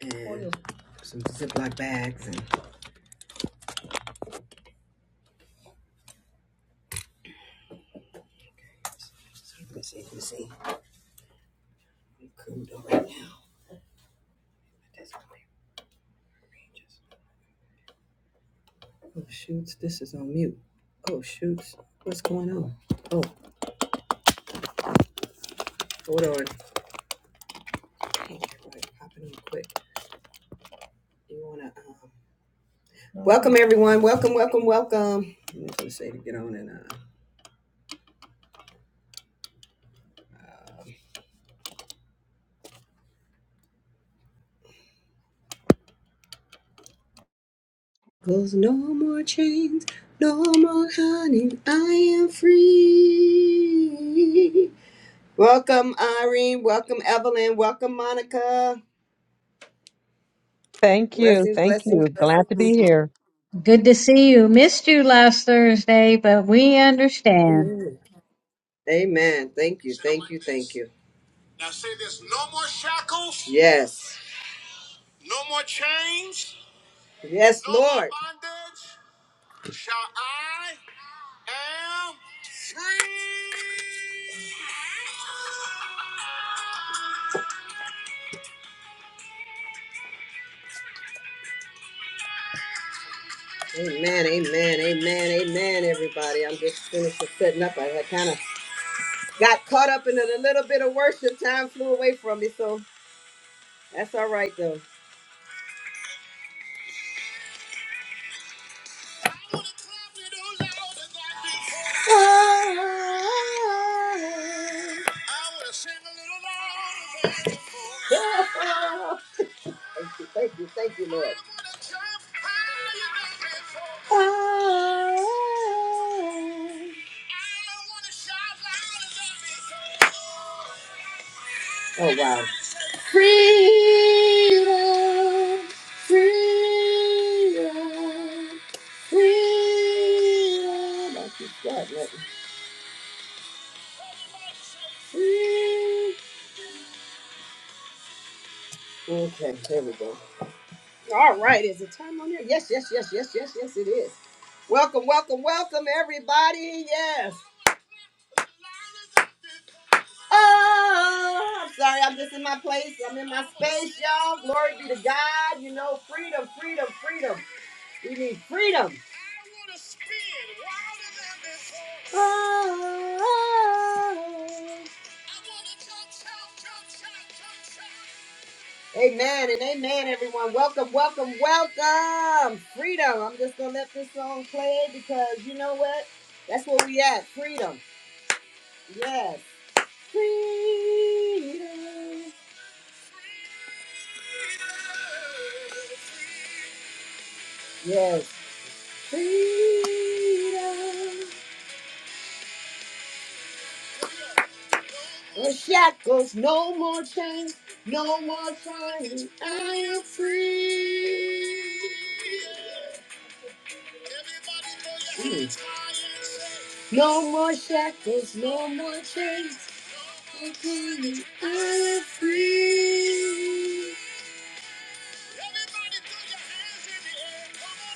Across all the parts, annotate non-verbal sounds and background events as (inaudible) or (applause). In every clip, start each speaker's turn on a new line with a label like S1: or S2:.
S1: and some Ziploc bags and let me see, let me see. Cool right now. Oh shoots, this is on mute. Oh shoots, what's going on? Oh, hold on. Can't right, popping on quick. You wanna uh, welcome everyone? Welcome, welcome, welcome. I'm just gonna say to get on and uh. uh, Cause no more chains, no more honey, I am free. Welcome Irene, welcome Evelyn, welcome Monica.
S2: Thank you.
S1: Blessings,
S2: Thank
S1: blessings,
S2: you. Glad to be
S1: blessings.
S2: here.
S3: Good to see you. Missed you last Thursday, but we understand.
S1: Amen. Amen. Thank you. Thank you. Thank you. Now say this no more shackles. Yes. No more chains. Yes, no more Lord. bondage. Shall I am free. Amen, amen, amen, amen, everybody. I'm just finished with setting up. I kind of got caught up in it a little bit of worship. Time flew away from me, so that's all right, though. Thank you, thank you, thank you, Lord. Ah. Oh wow. Freedom, freedom. Okay, there we go. All right, is it time on here? Yes, yes, yes, yes, yes, yes, it is. Welcome, welcome, welcome, everybody. Yes. Oh, I'm sorry. I'm just in my place. I'm in my space, y'all. Glory be to God. You know, freedom, freedom, freedom. We need freedom. Amen and amen, everyone. Welcome, welcome, welcome. Freedom. I'm just going to let this song play because you know what? That's where we at. Freedom. Yes. Freedom. Yes. Freedom. The shackles, no more chains, no more trying. I am free. Mm. No more shackles, no more chains. no more trying. I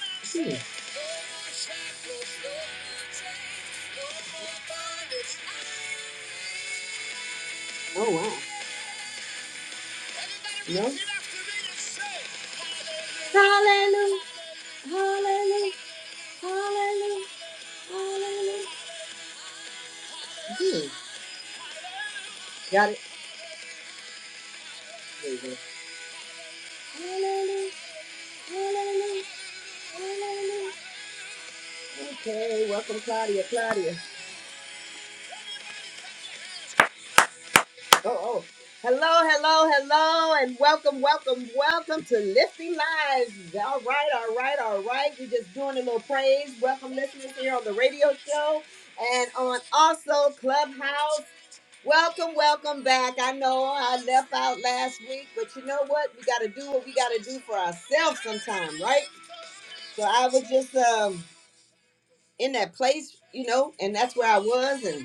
S1: am free. Mm. Oh wow. No? Hallelujah. Hallelujah. Hallelujah. Hallelujah. Hmm. Got it? There you go. Hallelujah. Hallelujah. Hallelujah. Okay, welcome Claudia, Claudia. Oh, oh. Hello, hello, hello, and welcome, welcome, welcome to Lifting Lives. All right, all right, all right. We're just doing a little praise. Welcome, listeners, here on the radio show and on also Clubhouse. Welcome, welcome back. I know I left out last week, but you know what? We got to do what we got to do for ourselves sometime, right? So I was just um in that place, you know, and that's where I was, and.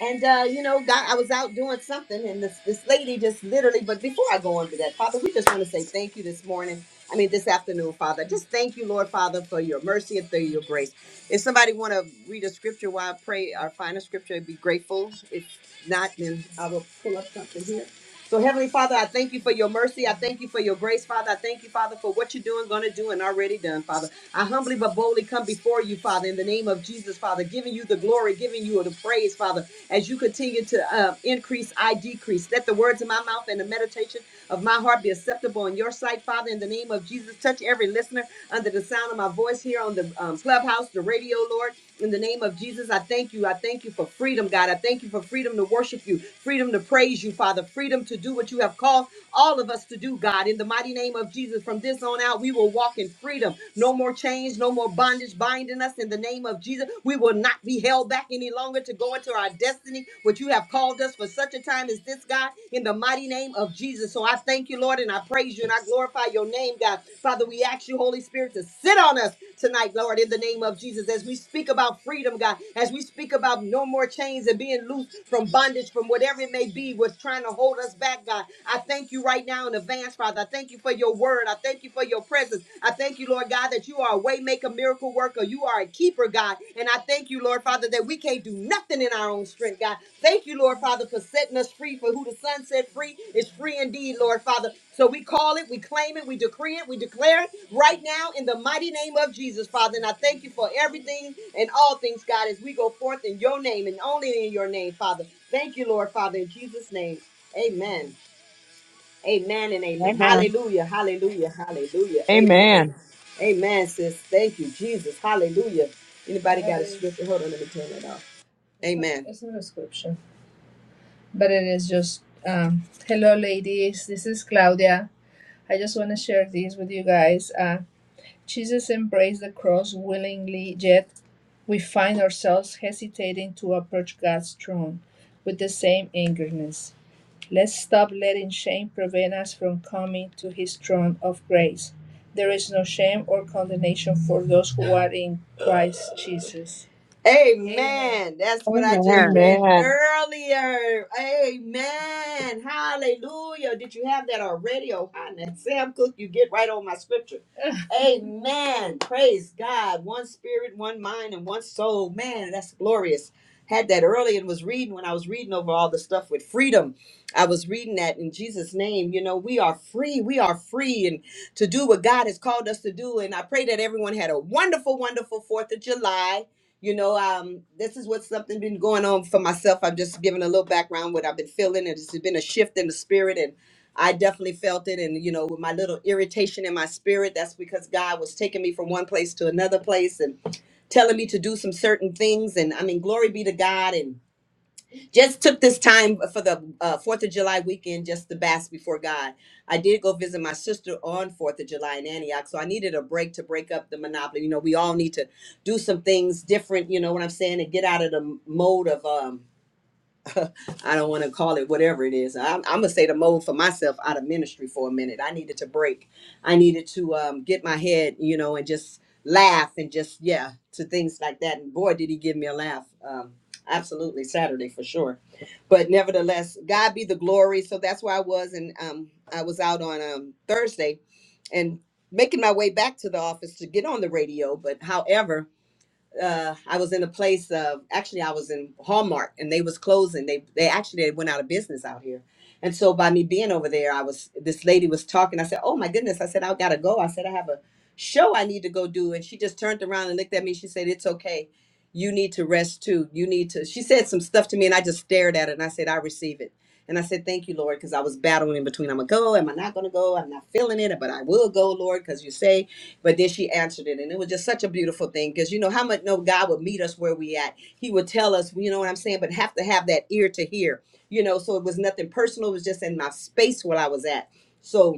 S1: And uh, you know, God, I was out doing something, and this this lady just literally. But before I go on to that, Father, we just want to say thank you this morning. I mean, this afternoon, Father. Just thank you, Lord, Father, for your mercy and for your grace. If somebody want to read a scripture while I pray or find a scripture, I'd be grateful. If not, then I will pull up something here. So, Heavenly Father, I thank you for your mercy. I thank you for your grace, Father. I thank you, Father, for what you're doing, going to do, and already done, Father. I humbly but boldly come before you, Father, in the name of Jesus, Father, giving you the glory, giving you the praise, Father as you continue to uh, increase, I decrease. Let the words of my mouth and the meditation of my heart be acceptable in your sight, Father, in the name of Jesus. Touch every listener under the sound of my voice here on the um, clubhouse, the radio, Lord. In the name of Jesus, I thank you. I thank you for freedom, God. I thank you for freedom to worship you, freedom to praise you, Father, freedom to do what you have called all of us to do, God. In the mighty name of Jesus, from this on out, we will walk in freedom. No more chains, no more bondage binding us. In the name of Jesus, we will not be held back any longer to go into our destiny, which you have called us for such a time as this, God. In the mighty name of Jesus. So I thank you, Lord, and I praise you and I glorify your name, God. Father, we ask you, Holy Spirit, to sit on us tonight, Lord, in the name of Jesus, as we speak about freedom, God, as we speak about no more chains and being loose from bondage, from whatever it may be, with trying to hold us back, God. I thank you right now in advance, Father. I thank you for your word. I thank you for your presence. I thank you, Lord God, that you are a way maker, miracle worker. You are a keeper, God. And I thank you, Lord Father, that we can't do nothing in our own strength, God. Thank you, Lord Father, for setting us free. For who the Son set free is free indeed, Lord Father. So we call it, we claim it, we decree it, we declare it right now in the mighty name of Jesus, Father. And I thank you for everything and all things, God, as we go forth in your name and only in your name, Father. Thank you, Lord Father, in Jesus' name. Amen. Amen and amen.
S4: Amen.
S1: Hallelujah. Hallelujah. Hallelujah. Amen.
S2: Amen.
S1: Amen, sis. Thank you, Jesus. Hallelujah. Anybody got a scripture? Hold on, let me turn that off. It's not, Amen. it's not a scripture, but it is just, um, hello, ladies. This is Claudia. I just want to share this with you guys. Uh, Jesus embraced the cross willingly, yet we find ourselves hesitating to approach God's throne with the same eagerness. Let's stop letting shame prevent us from coming to his throne of grace. There is no shame or condemnation for those who are in Christ Jesus. Amen. Amen. That's what I just read
S2: Amen.
S1: earlier. Amen. Hallelujah. Did you have that already? Oh, hi, now, Sam Cook, you get right on my scripture. (laughs) Amen. Praise God. One spirit, one mind, and one soul. Man, that's glorious. Had that early and was reading when I was reading over all the stuff with freedom. I was reading that in Jesus' name. You know, we are free. We are free and to do what God has called us to do. And I pray that everyone had a wonderful, wonderful Fourth of July. You know, um, this is what's something been going on for myself. I'm just giving a little background what I've been feeling. and It's been a shift in the spirit, and I definitely felt it. And you know, with my little irritation in my spirit, that's because God was taking me from one place to another place and telling me to do some certain things. And I mean, glory be to God. And just took this time for the uh, Fourth of July weekend just to bask before God. I did go visit my sister on Fourth of July in Antioch, so I needed a break to break up the monopoly. You know, we all need to do some things different. You know what I'm saying, and get out of the mode of um I don't want to call it whatever it is. I'm, I'm gonna say the mold for myself out of ministry for a minute. I needed to break. I needed to um, get my head, you know, and just laugh and just yeah to things like that. And boy, did he give me a laugh. Um, absolutely Saturday for sure. But nevertheless, God be the glory. So that's where I was, and um, I was out on um, Thursday, and making my way back to the office to get on the radio. But however uh I was in a place of actually I was in Hallmark and they was closing. They they actually they went out of business out here. And so by me being over there, I was this lady was talking. I said, "Oh my goodness." I said, "I got to go." I said, "I have a show I need to go do." And she just turned around and looked at me. She said, "It's okay. You need to rest too. You need to." She said some stuff to me and I just stared at it and I said, "I receive it." And I said, "Thank you, Lord," because I was battling in between. I'm gonna go. Am I not gonna go? I'm not feeling it, but I will go, Lord, because you say. But then she answered it, and it was just such a beautiful thing because you know how much no God would meet us where we at. He would tell us, you know what I'm saying, but have to have that ear to hear, you know. So it was nothing personal; it was just in my space where I was at. So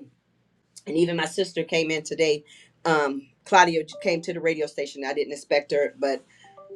S1: and even my sister came in today. Um, Claudia came to the radio station. I didn't expect her, but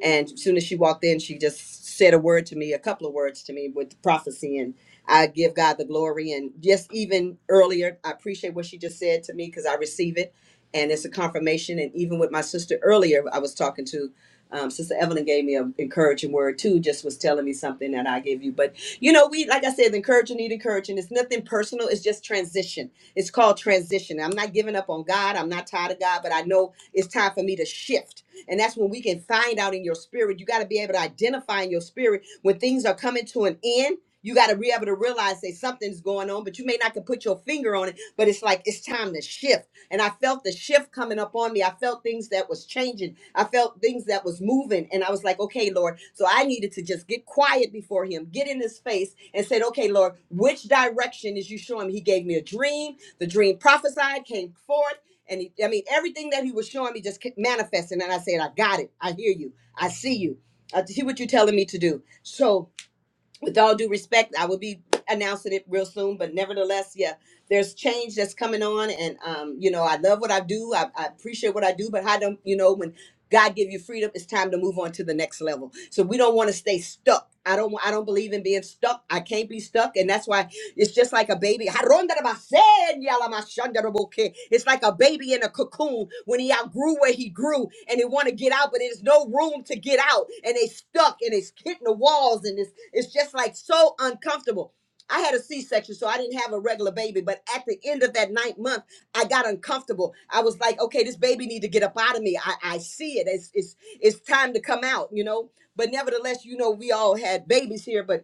S1: and as soon as she walked in, she just said a word to me, a couple of words to me with prophecy, and I give God the glory. And just even earlier, I appreciate what she just said to me because I receive it, and it's a confirmation. And even with my sister earlier, I was talking to. Um, Sister Evelyn gave me an encouraging word too. Just was telling me something that I gave you, but you know, we like I said, encourage need encouraging. It's nothing personal. It's just transition. It's called transition. I'm not giving up on God. I'm not tired of God, but I know it's time for me to shift. And that's when we can find out in your spirit. You got to be able to identify in your spirit when things are coming to an end. You got to be able to realize that something's going on, but you may not can put your finger on it. But it's like it's time to shift. And I felt the shift coming up on me. I felt things that was changing. I felt things that was moving. And I was like, okay, Lord. So I needed to just get quiet before him, get in his face and said, okay, Lord, which direction is you showing me? He gave me a dream. The dream prophesied, came forth. And he, I mean, everything that he was showing me just kept manifesting. And I said, I got it. I hear you. I see you. I see what you're telling me to do. So with all due respect, I will be announcing it real soon. But nevertheless, yeah, there's change that's coming on, and um, you know, I love what I do. I, I appreciate what I do, but how do you know when? God give you freedom. It's time to move on to the next level. So we don't want to stay stuck. I don't. I don't believe in being stuck. I can't be stuck, and that's why it's just like a baby. It's like a baby in a cocoon when he outgrew where he grew, and they want to get out, but there's no room to get out, and they stuck, and it's hitting the walls, and it's it's just like so uncomfortable. I had a C-section, so I didn't have a regular baby. But at the end of that ninth month. I got uncomfortable. I was like, okay, this baby need to get up out of me. I, I see it. It's, it's it's time to come out, you know. But nevertheless, you know, we all had babies here, but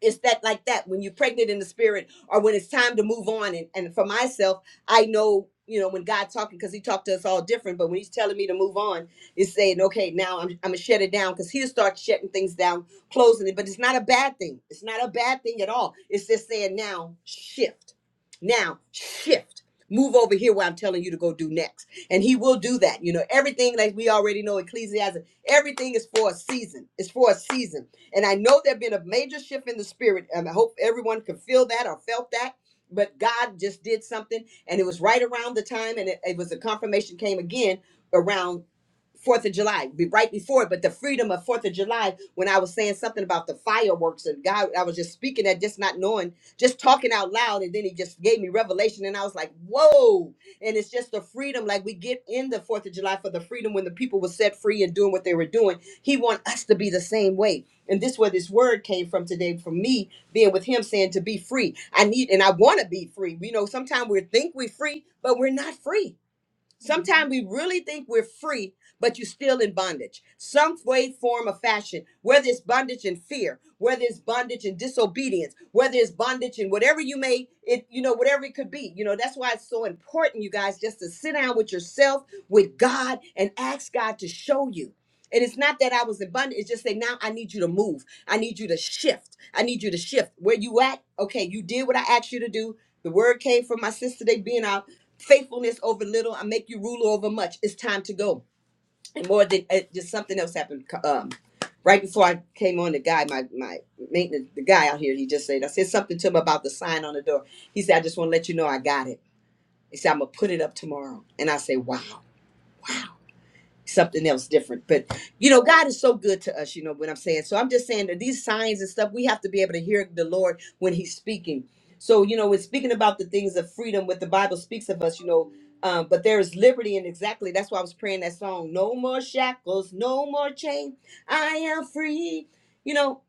S1: it's that like that when you're pregnant in the spirit or when it's time to move on and, and for myself i know you know when god's talking because he talked to us all different but when he's telling me to move on it's saying okay now i'm, I'm gonna shut it down because he'll start shutting things down closing it but it's not a bad thing it's not a bad thing at all it's just saying now shift now shift move over here where i'm telling you to go do next and he will do that you know everything like we already know ecclesiastes everything is for a season it's for a season and I know there's been a major shift in the spirit. And I hope everyone could feel that or felt that. But God just did something. And it was right around the time, and it, it was a confirmation came again around Fourth of July, be right before it, but the freedom of Fourth of July, when I was saying something about the fireworks and God, I was just speaking that, just not knowing, just talking out loud, and then He just gave me revelation, and I was like, "Whoa!" And it's just the freedom, like we get in the Fourth of July for the freedom when the people were set free and doing what they were doing. He want us to be the same way, and this where this word came from today, from me being with Him, saying to be free. I need and I want to be free. You know, sometimes we think we're free, but we're not free Sometimes we really think we're free, but you're still in bondage. Some way, form, or fashion, whether it's bondage and fear, whether it's bondage and disobedience, whether it's bondage and whatever you may, it you know, whatever it could be. You know, that's why it's so important, you guys, just to sit down with yourself, with God, and ask God to show you. And it's not that I was in bondage, it's just say, now I need you to move. I need you to shift. I need you to shift. Where you at? Okay, you did what I asked you to do. The word came from my sister, they being out faithfulness over little. I make you ruler over much. It's time to go. And more than uh, just something else happened. Um, right before I came on, the guy, my my maintenance, the guy out here, he just said, I said something to him about the sign on the door. He said, I just want to let you know I got it. He said, I'm gonna put it up tomorrow. And I say, Wow something else different. But you know, God is so good to us, you know what I'm saying? So I'm just saying that these signs and stuff, we have to be able to hear the Lord when He's speaking. So, you know, when speaking about the things of freedom, what the Bible speaks of us, you know, um, but there is liberty, and exactly that's why I was praying that song, No More Shackles, No More Chain, I am free. You know,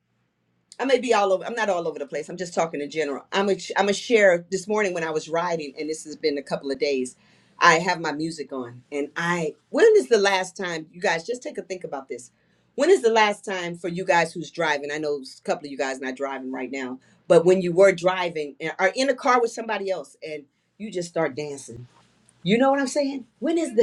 S1: I may be all over. I'm not all over the place. I'm just talking in general. I'm a, I'm a share this morning when I was riding, and this has been a couple of days. I have my music on, and I. When is the last time you guys just take a think about this? When is the last time for you guys who's driving? I know a couple of you guys not driving right now, but when you were driving and are in a car with somebody else, and you just start dancing you know what I'm saying? When is the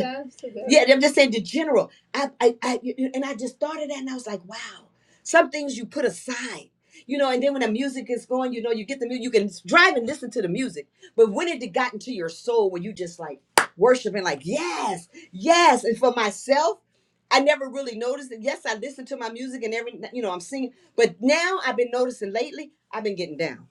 S1: yeah, I'm just saying the general. I, I, I, you- you- and I just thought of that, and I was like, wow. Some things you put aside, you know. And then when the music is going, you know, you get the music. You can drive and listen to the music. But when it got into your soul, where you just like worshiping, like yes, yes. And for myself, I never really noticed it. Yes, I listen to my music and every, you know, I'm singing. But now I've been noticing lately, I've been getting down.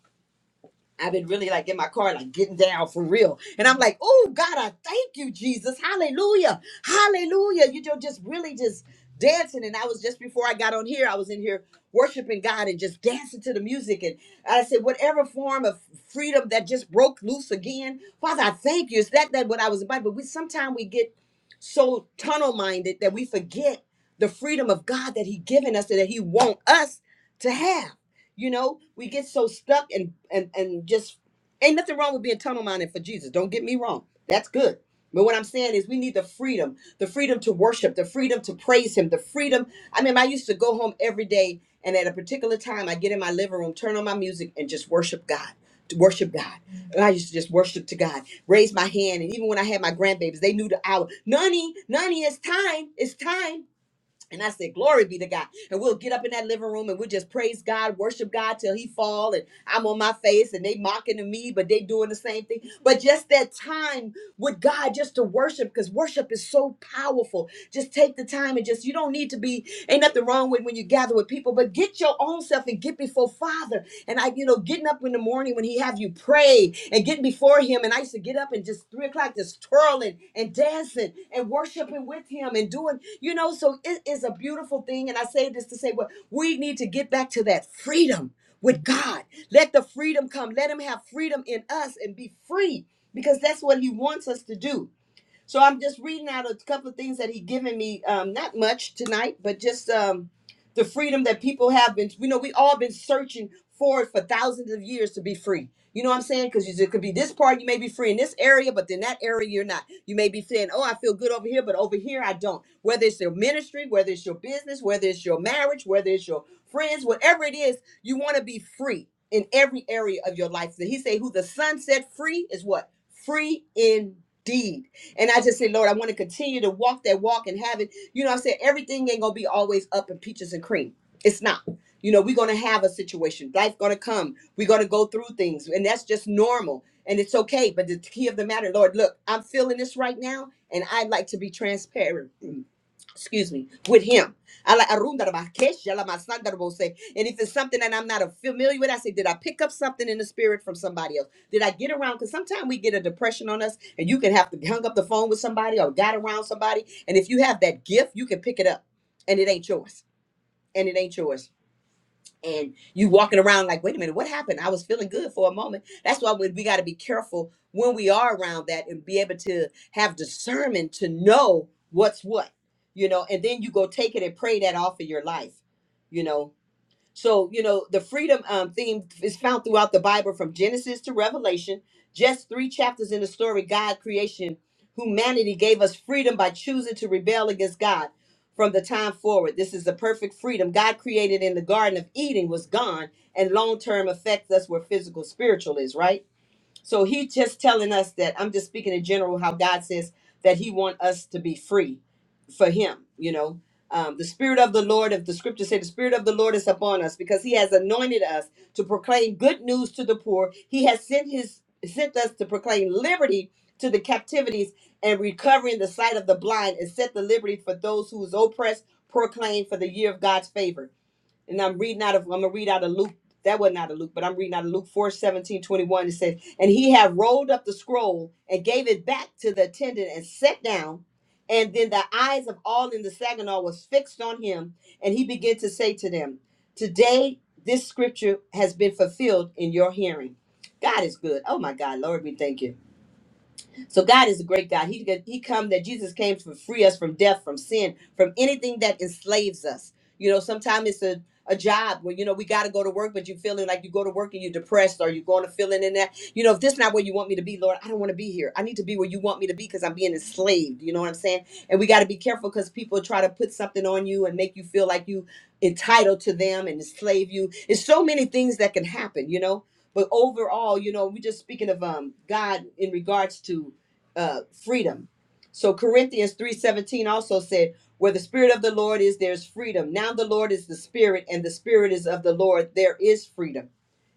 S1: I've been really like in my car, like getting down for real. And I'm like, oh God, I thank you, Jesus. Hallelujah. Hallelujah. You know, just really just dancing. And I was just before I got on here, I was in here worshiping God and just dancing to the music. And I said, whatever form of freedom that just broke loose again, Father, I thank you. Is that that what I was about? But we sometimes we get so tunnel minded that we forget the freedom of God that He given us and that He want us to have. You know, we get so stuck and and and just ain't nothing wrong with being tunnel minded for Jesus. Don't get me wrong. That's good. But what I'm saying is we need the freedom, the freedom to worship, the freedom to praise him, the freedom. I mean, I used to go home every day and at a particular time I get in my living room, turn on my music and just worship God. To worship God. And I used to just worship to God, raise my hand. And even when I had my grandbabies, they knew the hour. Nani, Nani, it's time. It's time. And I said, Glory be to God. And we'll get up in that living room and we'll just praise God, worship God till he fall. And I'm on my face and they mocking to me, but they doing the same thing. But just that time with God just to worship, because worship is so powerful. Just take the time and just you don't need to be, ain't nothing wrong with when you gather with people, but get your own self and get before Father. And I, you know, getting up in the morning when he have you pray and getting before him, and I used to get up and just three o'clock just twirling and dancing and worshiping with him and doing, you know, so it is a beautiful thing. And I say this to say, well, we need to get back to that freedom with God. Let the freedom come. Let him have freedom in us and be free because that's what he wants us to do. So I'm just reading out a couple of things that he given me. Um, not much tonight, but just um, the freedom that people have been. You know, we all been searching for it for thousands of years to be free. You know what I'm saying? Because it could be this part you may be free in this area, but then that area you're not. You may be saying, "Oh, I feel good over here, but over here I don't." Whether it's your ministry, whether it's your business, whether it's your marriage, whether it's your friends, whatever it is, you want to be free in every area of your life. So he say, "Who the Son set free is what free indeed." And I just say, Lord, I want to continue to walk that walk and have it. You know, I said everything ain't gonna be always up in peaches and cream. It's not. You know, we're gonna have a situation. Life gonna come. We're gonna go through things, and that's just normal. And it's okay. But the key of the matter, Lord, look, I'm feeling this right now, and I'd like to be transparent excuse me, with him. I like Arundarabakesha, la masandarabose. and if it's something that I'm not familiar with, I say, did I pick up something in the spirit from somebody else? Did I get around? Because sometimes we get a depression on us, and you can have to hung up the phone with somebody or got around somebody. And if you have that gift, you can pick it up, and it ain't yours, and it ain't yours and you walking around like, wait a minute, what happened? I was feeling good for a moment. That's why we, we got to be careful when we are around that and be able to have discernment to know what's what, you know, and then you go take it and pray that off of your life, you know, so, you know, the freedom um, theme is found throughout the Bible from Genesis to Revelation. Just three chapters in the story, God creation, humanity gave us freedom by choosing to rebel against God from the time forward. This is the perfect freedom God created in the Garden of Eden was gone, and long term affects us where physical, spiritual is, right? So he just telling us that I'm just speaking in general how God says that He want us to be free for Him. You know, um, the Spirit of the Lord, if the Scripture say the Spirit of the Lord is upon us because He has anointed us to proclaim good news to the poor. He has sent His sent us to proclaim liberty to the captivities and recovering the sight of the blind and set the liberty for those who is oppressed. Proclaim for the year of God's favor and I'm reading out of I'm gonna read out of Luke. That wasn't out of Luke, but I'm reading out of Luke 4 17 21. It says, And he had rolled up the scroll and gave it back to the attendant and sat down. And then the eyes of all in the Saginaw was fixed on him, and he began to say to them, Today this scripture has been fulfilled in your hearing. God is good. Oh my God, Lord, we thank you. So God is a great God. He he come that Jesus came to free us from death, from sin, from anything that enslaves us. You know, sometimes it's a a job where you know we got to go to work, but you feeling like you go to work and you're depressed, or you're going to feeling in that. You know, if this not where you want me to be, Lord, I don't want to be here. I need to be where you want me to be because I'm being enslaved. You know what I'm saying? And we got to be careful because people try to put something on you and make you feel like you entitled to them and enslave you. It's so many things that can happen. You know, but overall, you know, we're just speaking of um God in regards to uh, freedom. So Corinthians 3:17 also said, where the spirit of the Lord is there's freedom. Now the Lord is the spirit and the spirit is of the Lord, there is freedom.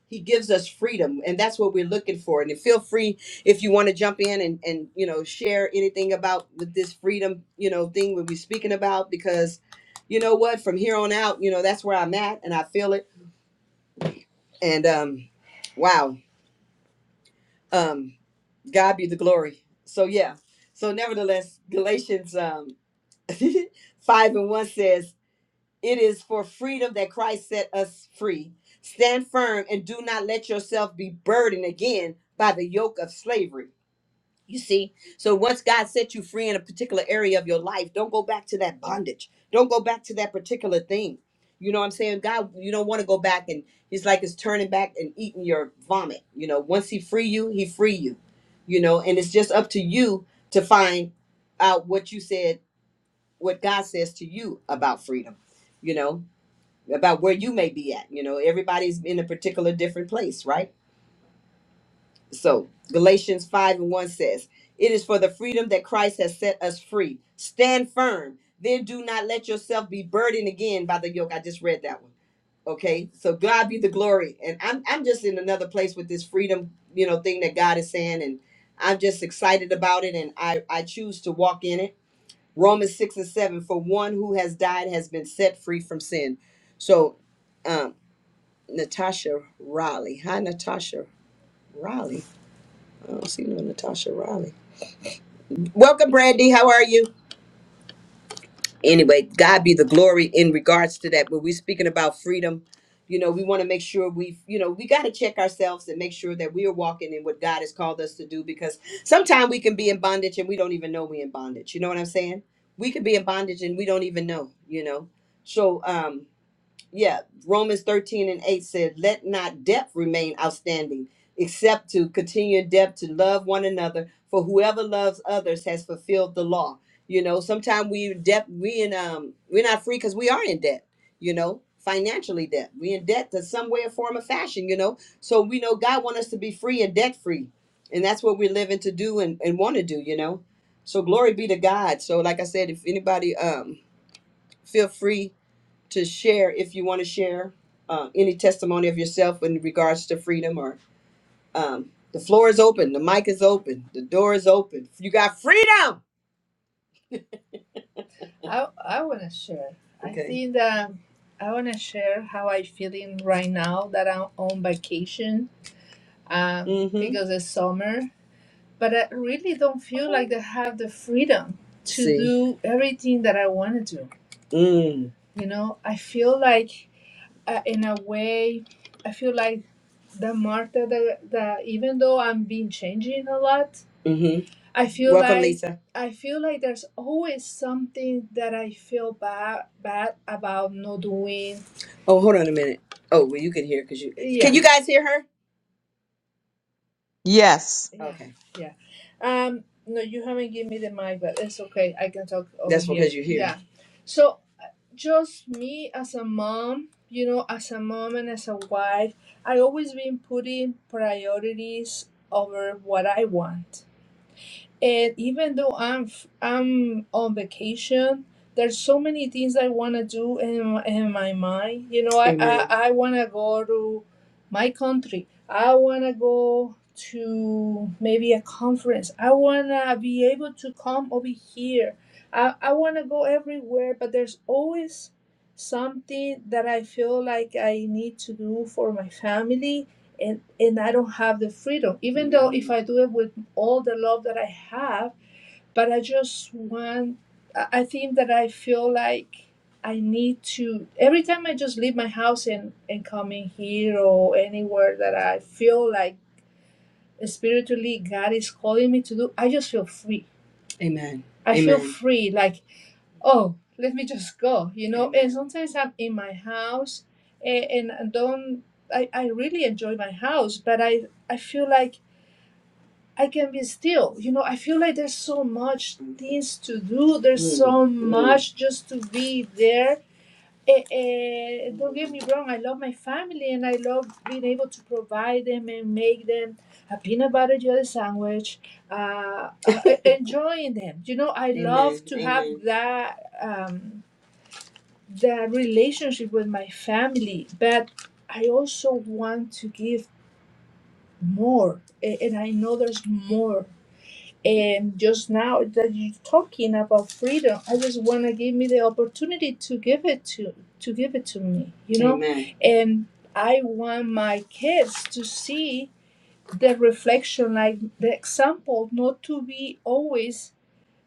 S1: He gives us freedom and that's what we're looking for. And feel free if you want to jump in and and you know share anything about with this freedom, you know, thing we'll be speaking about because you know what, from here on out, you know, that's where I'm at and I feel it. And um wow. Um God be the glory. So yeah. So nevertheless, Galatians um (laughs) 5 and 1 says, It is for freedom that Christ set us free. Stand firm and do not let yourself be burdened again by the yoke of slavery. You see, so once God set you free in a particular area of your life, don't go back to that bondage. Don't go back to that particular thing. You know what I'm saying? God, you don't want to go back and he's like it's turning back and eating your vomit. You know, once he free you, he free you. You know, and it's just up to you to find out what you said what God says to you about freedom, you know, about where you may be at. You know, everybody's in a particular different place, right? So Galatians 5 and 1 says, It is for the freedom that Christ has set us free. Stand firm. Then do not let yourself be burdened again by the yoke. I just read that one. Okay. So God be the glory. And I'm I'm just in another place with this freedom, you know, thing that God is saying. And I'm just excited about it. And I, I choose to walk in it. Romans 6 and 7 For one who has died has been set free from sin. So, um, Natasha Raleigh. Hi, Natasha Raleigh. I don't see no Natasha Raleigh. Welcome, Brandy. How are you? Anyway, God be the glory in regards to that. When we're speaking about freedom, you know, we want to make sure we, you know, we got to check ourselves and make sure that we are walking in what God has called us to do because sometimes we can be in bondage and we don't even know we're in bondage. You know what I'm saying? We could be in bondage and we don't even know, you know. So, um, yeah, Romans 13 and 8 said, Let not debt remain outstanding, except to continue in debt to love one another, for whoever loves others has fulfilled the law. You know, sometimes we debt we in um we're not free because we are in debt, you know, financially debt. We in debt to some way or form of fashion, you know. So we know God want us to be free and debt free. And that's what we're living to do and, and want to do, you know. So glory be to God. So like I said, if anybody um feel free to share if you want to share uh, any testimony of yourself in regards to freedom or um, the floor is open the mic is open the door is open you got freedom I, I want to share. I okay think that I want to share how i feeling right now that I'm on vacation um, mm-hmm because it's summer. But I really don't feel like I have the freedom to see do everything that I want to do. mm. You know, I feel like uh, in a way, I feel like the more that the, the even though I'm been changing a lot, hmm I feel Welcome, like Lisa. I feel like there's always something that I feel bad bad about not doing. Oh, hold on a minute. Oh, well, you can hear because you can. Yeah, You guys hear her?
S2: Yes.
S1: yeah, Okay, yeah. Um, no, you haven't given me the mic, but it's okay. I can talk over that's here. because you're here. Yeah. So just me as a mom, you know, as a mom and as a wife, I always been putting priorities over what I want. And even though I'm f- I'm on vacation, there's so many things I want to do in my, in my mind. You know, I I, Amen. I want to go to my country. I want to go to maybe a conference. I want to be able to come over here. I I want to go everywhere, but there's always something that I feel like I need to do for my family and and I don't have the freedom. Even though if I do it with all the love that I have, but I just want, I I think that I feel like I need to, every time I just leave my house and, and come in here or anywhere that I feel like spiritually God is calling me to do, I just feel free. Amen. I Amen. feel free, like, oh, let me just go, you know. Amen. And sometimes I'm in my house and, and I don't, I, I really enjoy my house, but I, I feel like I can be still. You know, I feel like there's so much things to do. There's so much just to be there. Eh, eh, don't get me wrong. I love my family and I love being able to provide them and make them a peanut butter jelly sandwich. Uh, (laughs) enjoying them. You know, I love to have Mhm. that um, that relationship with my family, but I also want to give more, A- and I know there's more and just now that you're talking about freedom, I just want to give me the opportunity to give it to to give it to me, you know. Amen. And I want my kids to see the reflection, like the example, not to be always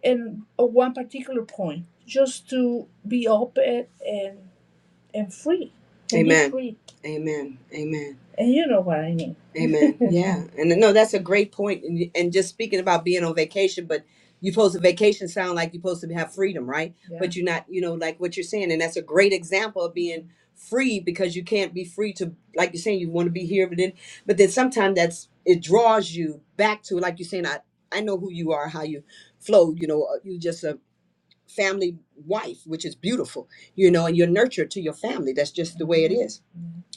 S1: in one particular point, just to be open and and free. Can be Amen. Be free. Amen. Amen. And you know what I mean. Amen. (laughs) Yeah. And no, that's a great point. And, and just speaking about being on vacation, but you're supposed to vacation sound like you're supposed to have freedom, right? yeah. But you're not, you know, like what you're saying. And that's a great example of being free because you can't be free to, like you're saying, you want to be here, but then, but then sometimes that's, it draws you back to, like you're saying, I, I know who you are, how you flow, you know, uh, you just a family wife, which is beautiful, you know, and you're nurtured to your family. That's just the way it is.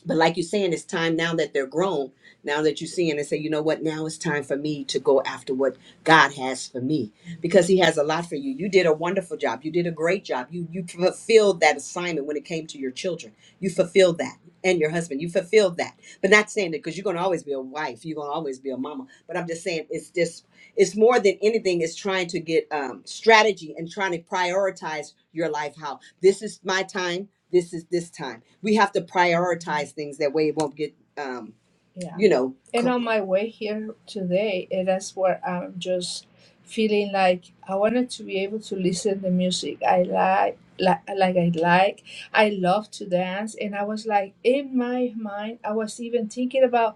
S1: But like you're saying, it's time now that they're grown, now that you're seeing and say, you know what, now it's time for me to go after what God has for me. Because he has a lot for you. You did a wonderful job. You did a great job. You you fulfilled that assignment when it came to your children. You fulfilled that. And your husband. You fulfilled that. But not saying that because you're gonna always be a wife, you're gonna always be a mama. But I'm just saying it's just it's more than anything, it's trying to get um strategy and trying to prioritize your life how this is my time this is this time. We have to prioritize things that way it won't get, um, Yeah. you know, And on my way here today, eh, that's where I'm just feeling like I wanted to be able to listen to music I like. Like, like I like, I love to dance, and I was like in my mind, I was even thinking about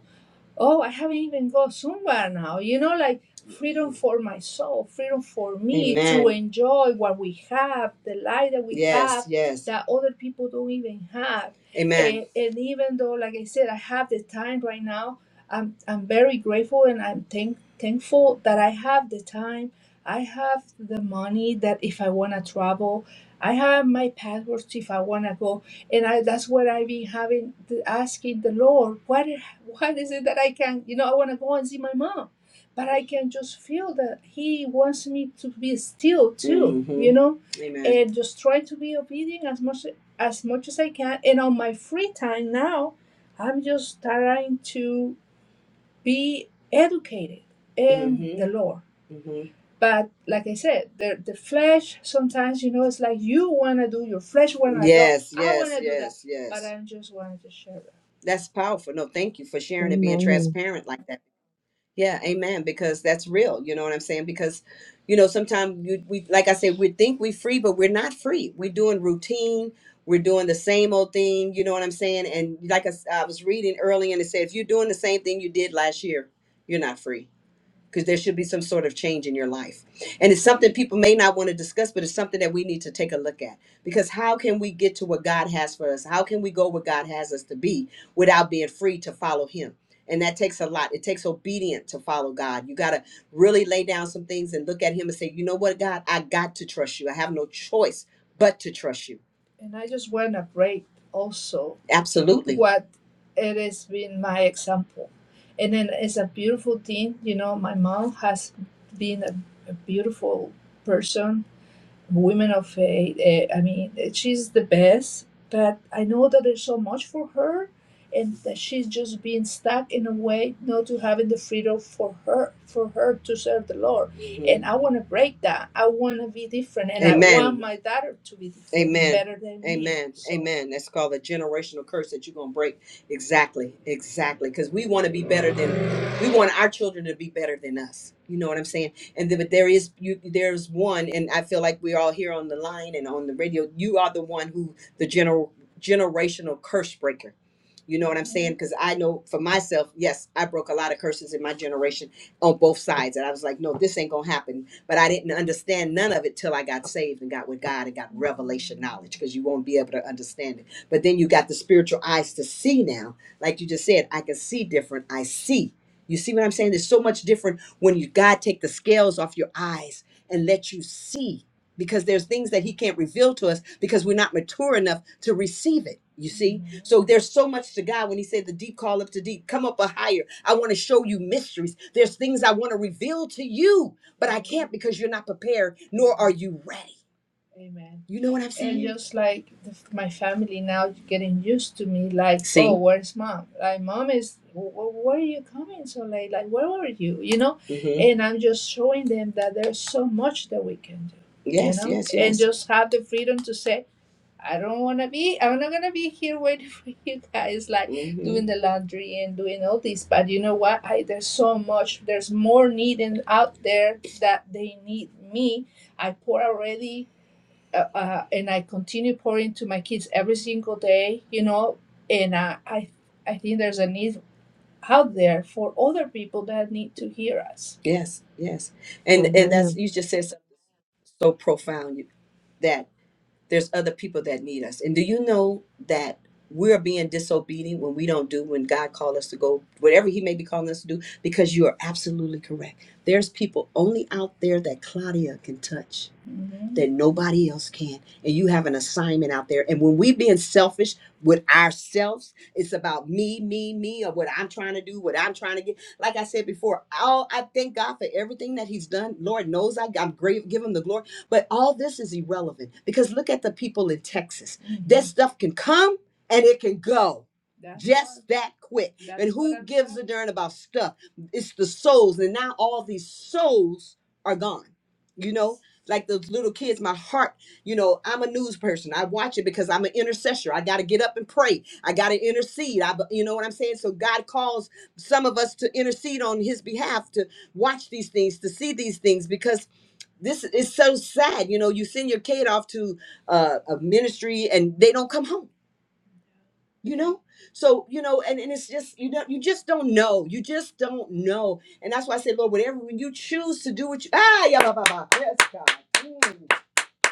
S1: oh, I haven't even gone somewhere now. You know, like freedom for my soul, freedom for me to Amen. enjoy what we have, the life that we Yes, have yes. that other people don't even have. Amen. And, and even though, like I said, I have the time right now, I'm, I'm very grateful and I'm thank, thankful that I have the time. I have the money that if I want to travel, I have my passports if I want to go. And I, that's what I've been having, asking the Lord, what. What is it that I can, you know, I want to go and see my mom, but I can just feel that he wants me to be still too, Mhm. you know, Amen. and just try to be obedient as much as much as I can. And on my free time now, I'm just trying to be educated in the Mm-hmm. the Lord. Mm-hmm. But like I said, the the flesh sometimes you know it's like you wanna do your flesh wanna go. Yes, I want to yes, wanna do that, yes, but yes. I just wanted to share that. That's powerful. No, thank you for sharing and being
S2: Amen.
S1: transparent like that. Yeah, amen. Because that's real. You know what I'm saying? Because, you know, sometimes you, we, like I said, we think we're free, but we're not free. We're doing routine. We're doing the same old thing. You know what I'm saying? And like I, s- I was reading early, and it said, if you're doing the same thing you did last year, you're not free because there should be some sort of change in your life. And it's something people may not want to discuss, but it's something that we need to take a look at. Because how can we get to what God has for us? How can we go where God has us to be without being free to follow Him? And that takes a lot. It takes obedience to follow God. You got to really lay down some things and look at Him and say, you know what, God, I got to trust you. I have no choice but to trust you. And I just want to break also Absolutely. what it has been my example and then it's a beautiful thing you know my mom has been a, a beautiful person women of faith. eh, I mean, eh, she's the best, but I know that there's so much for her, and that she's just being stuck in a way not to having the freedom for her for her to serve the Lord. And I want to break that. I want to be different, and I want Amen. my daughter to be different, Amen. better than me. Amen. So Amen. That's called a generational curse that you're gonna break. Exactly. Exactly. Because we want to be better than we want our children to be better than us. You know what I'm saying? and then, but there is you there's one and i feel like we're all here on the line and on the radio you are the one who the general generational curse breaker you know what i'm saying because i know for myself yes i broke a lot of curses in my generation on both sides and i was like no this ain't gonna happen but i didn't understand none of it till i got saved and got with god and got revelation knowledge because you won't be able to understand it but then you got the spiritual eyes to see now like you just said i can see different i see you see what i'm saying there's so much different when you God take the scales off your eyes and let you see because there's things that he can't reveal to us because we're not mature enough to receive it. You see? Mhm. So there's so much to God when he said the deep call up to deep, come up a higher. I want to show you mysteries. There's things I want to reveal to you, but I can't because you're not prepared nor are you ready. Amen. You know what I'm And saying? just like the, my family now getting used to me, like, oh, See? where's mom? Like, mom is, "Wh- wh- where are you coming so late? Like, where were you? You know? hmm And I'm just showing them that there's so much that we can do, you Yes, know? yes, And yes. just have the freedom to say, I don't want to be, I'm not going to be here waiting (laughs) for you guys, like hmm doing hmm the laundry and doing all this. But you know what? I, there's so much, there's more needing out there that they need me. I pour already uh, uh, and I continue pouring to my kids every single day, you know, and uh, I I think there's a need out there for other people that need to hear us. Yes, yes. And and that's
S2: Amen.
S1: you just said something so profound you- that there's other people that need us. And do you know that we're being disobedient when we don't do when God called us to go whatever he may be calling us to do because you are absolutely correct. There's people only out there that Claudia can touch Mhm. that nobody else can. And you have an assignment out there. And when we being selfish with ourselves, it's about me, me, me, or what I'm trying to do, what I'm trying to get. Like I said before, all I thank God for everything that He's done. Lord knows I, I'm great. Give Him the glory. But all this is irrelevant because look at the people in Texas. Mhm. That Mhm. stuff can come and it can go. That's just right. that quick. That's and who what I'm gives saying. a darn about stuff? It's the souls. And now all these souls are gone. You know, like those little kids, my heart, you know, I'm a news person. I watch it because I'm an intercessor. I got to get up and pray. I got to intercede. I, you know what I'm saying? So God calls some of us to intercede on his behalf to watch these things, to see these things because this is so sad you know you send your kid off to uh, a ministry and they don't come home you know so you know and, and it's just you know, you just don't know you just don't know and that's why i say, lord whatever you choose to do what you ah yeah blah, blah, blah. yes god Mm.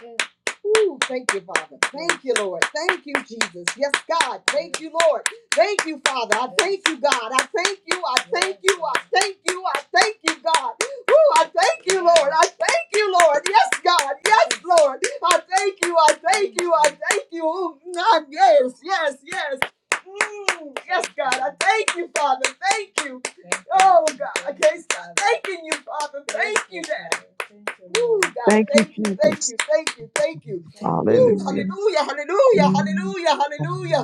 S1: Yes. Ooh, thank you, Father. Thank you, Lord. Thank you, Jesus. Yes, God. Thank you, Lord. Thank you, Father. I thank you, God. I thank you. I thank you. I thank you. I thank you, God. Ooh, I thank you, Lord. I thank you, Lord. Yes, God. Yes, Lord. I thank you. I thank you. I thank you. Ooh, ah, yes, yes, yes. Mm, yes, God. I thank you, Father. Thank you. Oh, God. I can't stop thanking you, Father. Thank you, Dad. Thank Woo, God,
S2: Thank you,
S1: Thank you, thank
S2: Jesus.
S1: you, thank you, thank you. Thank Woo,
S2: Hallelujah.
S1: hallelujah, hallelujah,
S2: Mm.
S1: hallelujah, hallelujah.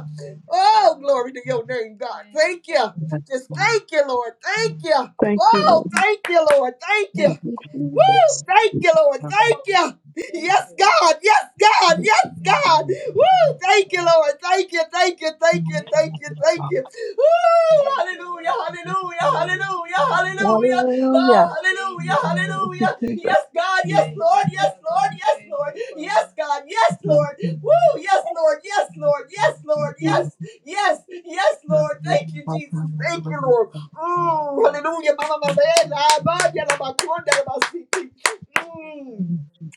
S1: Oh, glory to your name, God. Thank you, Just thank you, Lord. Thank you.
S2: Thank you,
S1: Oh,
S2: Lord.
S1: thank you, Lord. Thank you.
S2: Thank you, Jesus.
S1: Woo! Thank you, Lord. Thank you. Yes, God. Yes, God. Yes, God. Woo! Thank you, Lord. Thank you. Thank you. Thank you. Thank you. Thank you. Woo! Hallelujah. Hallelujah. Hallelujah. Hallelujah.
S2: Hallelujah.
S1: Oh, hallelujah.
S2: Thank you,
S1: Hallelujah.
S2: Jesus.
S1: Yes, God. Yes, Lord. Yes, Lord. Yes, Lord. Yes, God. Yes, Lord. Woo! Yes, Lord. Yes, Lord. Yes, Lord.
S4: Amen.
S1: Yes. Yes. Yes, Lord. Thank you, Jesus. Thank you, Lord. Mm, hallelujah, mama mavela, abaya la makonde la masiki. Mm,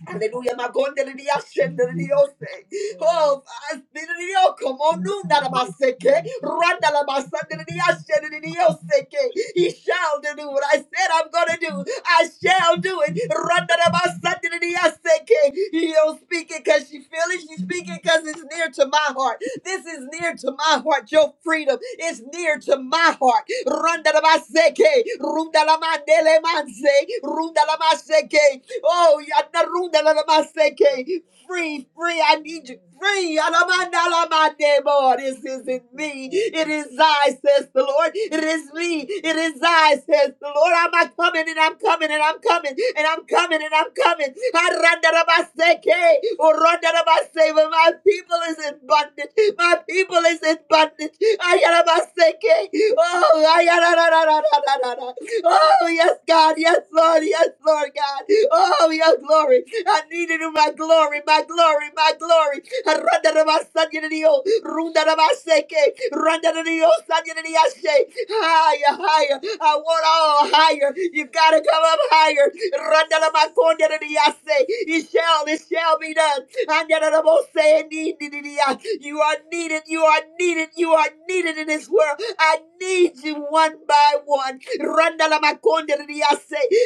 S1: Hallelujah, makonde la diashende la diose. Oh, as- di- di- di- oh, come on, nuna la maseke, randa la masande la diashende la dioseke. He shall do what I said I'm gonna do. I shall do it. Randa la masande la diaseke. He don't speak it because she feel it. She speak it because it's near to my heart. This is near to my heart. Your freedom is near to my heart. Randalamaseke, rundalamanelemanse, rundalamaseke. Oh, yana rundalamaseke. free, free. I need you. Free. Alamandalamadebo. This isn't me. It is I I, says the Lord. It is me. It is I, says the Lord. I'm not coming and I'm coming and I'm coming and I'm coming and I'm coming. Arandarabaseke, orandarabase, But my people is in bondage. My people is in bondage. Ayarabaseke. Oh, ayararararararara. Oh, yes, God. Yes, Lord. Yes, Lord, God. Oh, your glory. I need it in my glory, my glory, my glory. Randa da ba san yada di yo. Runda da ba seke. Randa da di yo san yada di yashe. Higher, higher. I want all higher. You gotta come up higher. Randa da ba konda da di yase. It shall, it shall be done. And yet I'm all saying, need, need, need, need. You are needed, you are needed, you are needed in this world. I need you one by one. Randalamakondiririyase,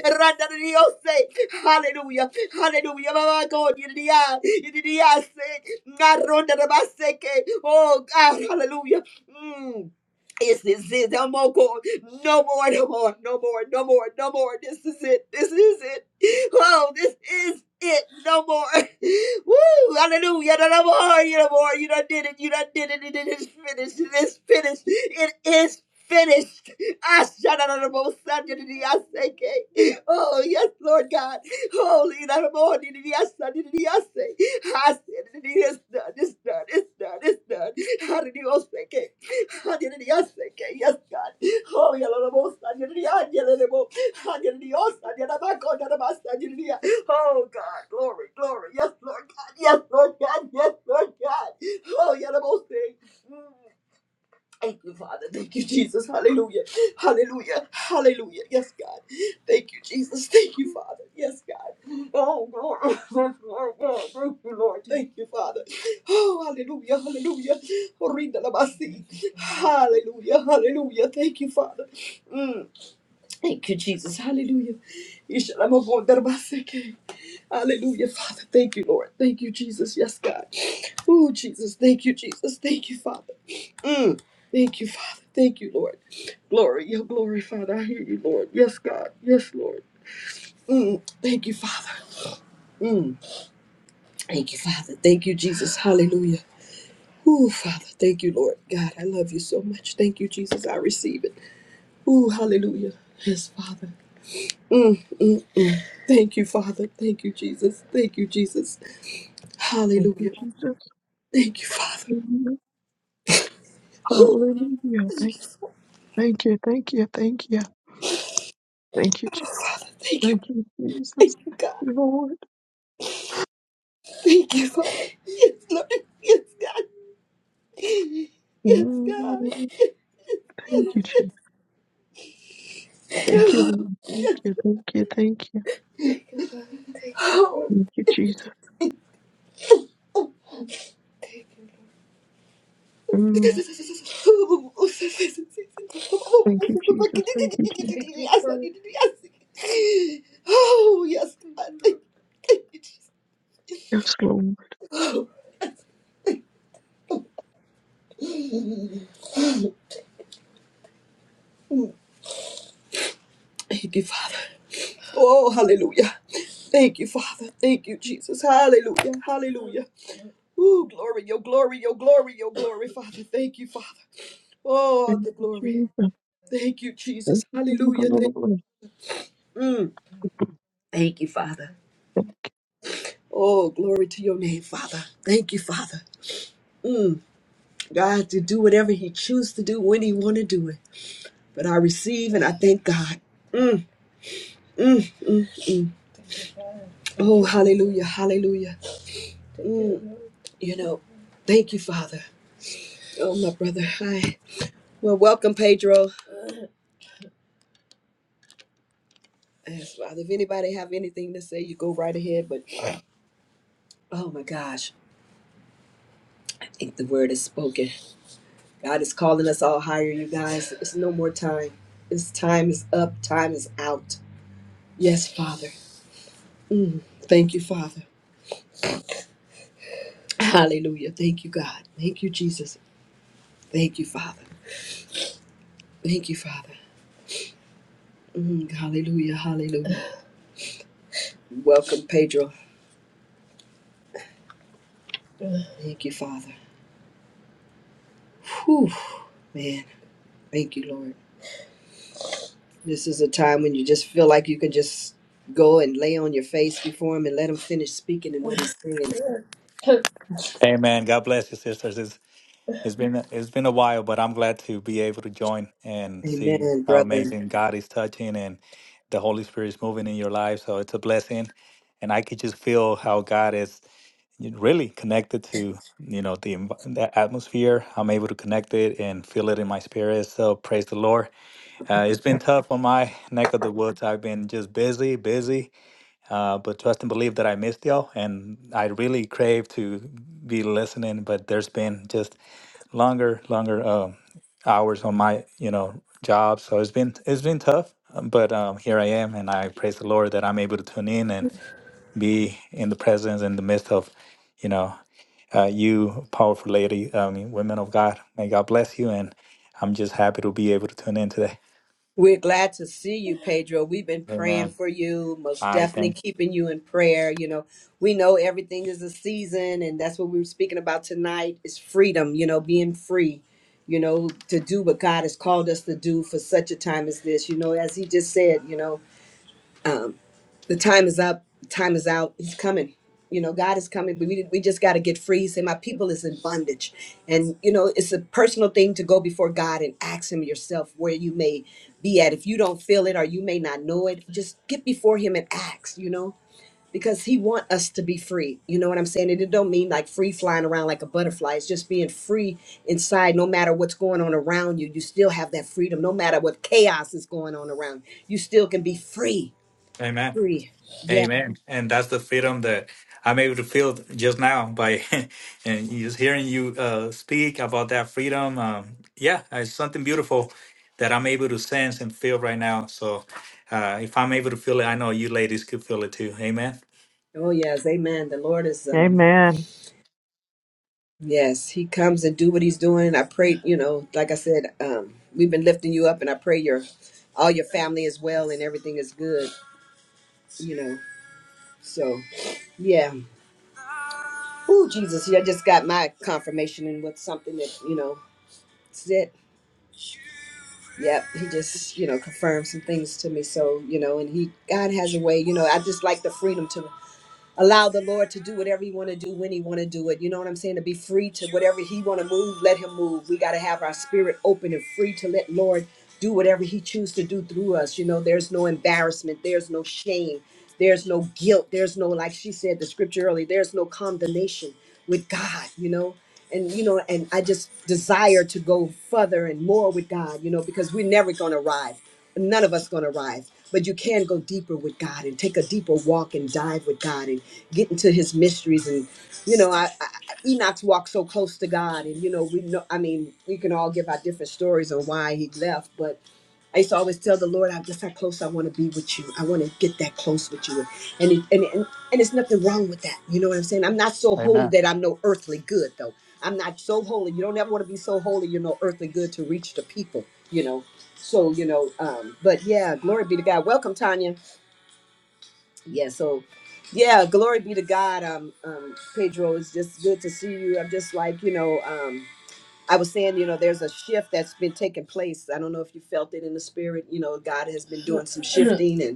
S1: randaririyose. Hallelujah, hallelujah. mama God, you're you're Mamakondiririya, iririyase, ngarondaramaseke. Oh God, hallelujah. Mm. Yes, this is no more God. No more, no more, no more, no more, no more. This is it. This is it. Oh, this is it. No more. (laughs) Woo! Hallelujah. No more. You no more. You done did it. You done did it. It is finished. It is finished. It is finished. Ah, shout out on the most Sunday to the Asake. Oh, yes, Lord God. Holy no more. Did the Asake. Did the Asake. I said it is done. It's done. It's done. It's done. How did you all say okay. Hallelujah. Yes, okay. Yes, God. Oh, Yalabos, Hallelujah. Yalalabo. Hallelujah. Yalalabako, Yalabas, Hallelujah. Oh, God. Glory, glory. Yes, Lord God. Yes, Lord God. Yes, Lord God. Oh, Yalabos. Thank you, Father. Thank you, Jesus. Hallelujah. Hallelujah. Hallelujah. Yes, God. Thank you, Jesus. Thank you, Father. Yes, God. Oh, glory. (laughs) Oh, God. Thank you, Lord. Thank you, Father. Oh, hallelujah. Hallelujah. Orinda la basi. Hallelujah. Hallelujah. Thank you, Father. Mm. Thank you, Jesus. Hallelujah. Ishalamagonda la baseke. Hallelujah, Father. Thank you, Lord. Thank you, Jesus. Yes, God. Oh, Jesus. Thank you, Jesus. Thank you, Father. Mm. Thank you, Father. Thank you, Lord. Glory, your glory, Father. I hear you, Lord. Yes, God. Yes, Lord. Mm. Thank you, Father. Mm. Thank you, Father. Thank you, Jesus. Hallelujah. Ooh, Father. Thank you, Lord. God, I love you so much. Thank you, Jesus. I receive it. Ooh, hallelujah. Yes, Father. Mm, mm, mm. Thank you, Father. Thank you, Jesus. Thank you, Jesus.
S2: Thank you,
S1: Hallelujah.
S2: Jesus.
S1: Thank you, Father. Ooh,
S2: Hallelujah. Thank you. Thank you. Thank you. Thank you. Thank you, Jesus.
S1: Father, thank you.
S2: Thank you, Jesus.
S1: Thank you,
S2: Thank
S1: God.
S2: you, Lord.
S1: Thank you, Father. Yes, Lord. Yes, God. Yes, God.
S2: Mm. Thank you,
S1: Yes.
S2: Jesus. Thank you,
S1: Oh.
S2: Lord. Thank you. Thank you. Thank you. Thank you, Jesus. Mm, Thank you, Jesus. Thank you, Jesus.
S1: Oh, yes, God. Thank thank you, Jesus.
S2: Yes, Lord.
S1: Oh, Thank you, Father. Oh, hallelujah. Thank you, Father. Thank you, Jesus. Hallelujah. Hallelujah. Oh, glory, your glory, your glory, your glory, Father. Thank you, Father. Oh,
S2: Thank
S1: the
S2: you,
S1: glory.
S2: Jesus.
S1: Thank you, Jesus.
S2: Thank you, for
S1: Hallelujah.
S2: the
S1: Thank,
S2: glory.
S1: mm. Thank you, Father. Oh, glory to your name, Father. Thank you, Father. Mm. God, to do whatever He chooses to do when He want to do it. But I receive and I thank God. Mm, mm, mm, mm. Oh, hallelujah, hallelujah. Mm. You know, thank you, Father. Oh, my brother. Hi. Well, welcome, Pedro. Yes, Father, if anybody have anything to say, you go right ahead. But oh my gosh, I think the word is spoken. God is calling us all higher, you guys. It's no more time. It's time is up. Time is out. Yes, Father. Thank you, Father. Hallelujah. Thank you, God. Thank you, Jesus. Thank you, Father. Thank you, Father. Mm, hallelujah. Hallelujah. Welcome, Pedro. Thank you, Father. Whew, man. Thank you, Lord. This is a time when you just feel like you can just go and lay on your face before Him and let Him finish speaking and what He's saying. (laughs)
S5: Amen. God bless you, sisters. It's it's been it's been a while, but I'm glad to be able to join and see
S1: Amen,
S5: how
S1: brother.
S5: amazing God is touching and the Holy Spirit is moving in your life. So it's a blessing, and I could just feel how God is really connected to you know the env- the atmosphere. I'm able to connect it and feel it in my spirit. So praise the Lord. Uh, it's been tough on my neck of the woods. I've been just busy, busy, uh, but trust and believe that I missed y'all, and I really crave to be listening. But there's been just longer, longer um, hours on my, you know, job, so it's been it's been tough. um, But um, here I am, and I praise the Lord that I'm able to tune in and be in the presence in the midst of, you know, uh, you powerful lady, I mean, women of God. May God bless you, and I'm just happy to be able to tune in today.
S1: We're glad to see you, Pedro. We've been praying
S5: Amen.
S1: for you, most
S5: All right,
S1: definitely
S5: thanks.
S1: keeping you in prayer. You know, we know everything is a season, and that's what we were speaking about tonight is freedom, you know, being free, you know, to do what God has called us to do for such a time as this. You know, as he just said, you know. um, the time is up time is out he's coming you know god is coming but we, we just got to get free he said my people is in bondage and you know it's a personal thing to go before god and ask him yourself where you may be at if you don't feel it or you may not know it just get before him and ask you know because he want us to be free you know what i'm saying and it don't mean like free flying around like a butterfly it's just being free inside no matter what's going on around you you still have that freedom no matter what chaos is going on around you still can be free
S5: Amen.
S1: free Yeah.
S5: Amen. And that's the freedom that I'm able to feel just now by (laughs) and just hearing you uh, speak about that freedom. Um, yeah, it's something beautiful that I'm able to sense and feel right now. So uh, if I'm able to feel it, I know you ladies could feel it too. Amen.
S1: Oh yes, amen. The Lord is um
S2: Amen.
S1: yes, he comes and do what he's doing. I pray, you know, like I said, um we've been lifting you up and I pray your all your family is well and everything is good, you know. So, yeah. Oh, Jesus, yeah, I just got my confirmation and with something that, you know, said Yep, he just, you know, confirmed some things to me. So, you know, and he, God has a way, you know, I just like the freedom to allow the lord to do whatever he want to do when he want to do it you know what i'm saying to be free to whatever he want to move let him move we got to have our spirit open and free to let lord do whatever he choose to do through us you know there's no embarrassment there's no shame there's no guilt there's no like she said the scripture earlier there's no condemnation with god you know and you know and i just desire to go further and more with god you know because we're never going to arrive none of us going to rise but you can go deeper with god and take a deeper walk and dive with god and get into his mysteries and you know i, I enoch's walked so close to god and you know we know i mean we can all give our different stories on why he left but I used to always tell the Lord, I'm just how close I want to be with you. I want to get that close with you. And it, and, and and it's nothing wrong with that. You know what I'm saying? I'm not so holy
S5: Amen.
S1: that I'm no earthly good though. I'm not so holy. You don't ever want to be so holy you're no earthly good to reach the people, you know so you know um but yeah glory be to god welcome tanya yeah so yeah glory be to god um um pedro it's just good to see you i'm just like you know um i was saying you know there's a shift that's been taking place i don't know if you felt it in the spirit you know god has been doing some shifting and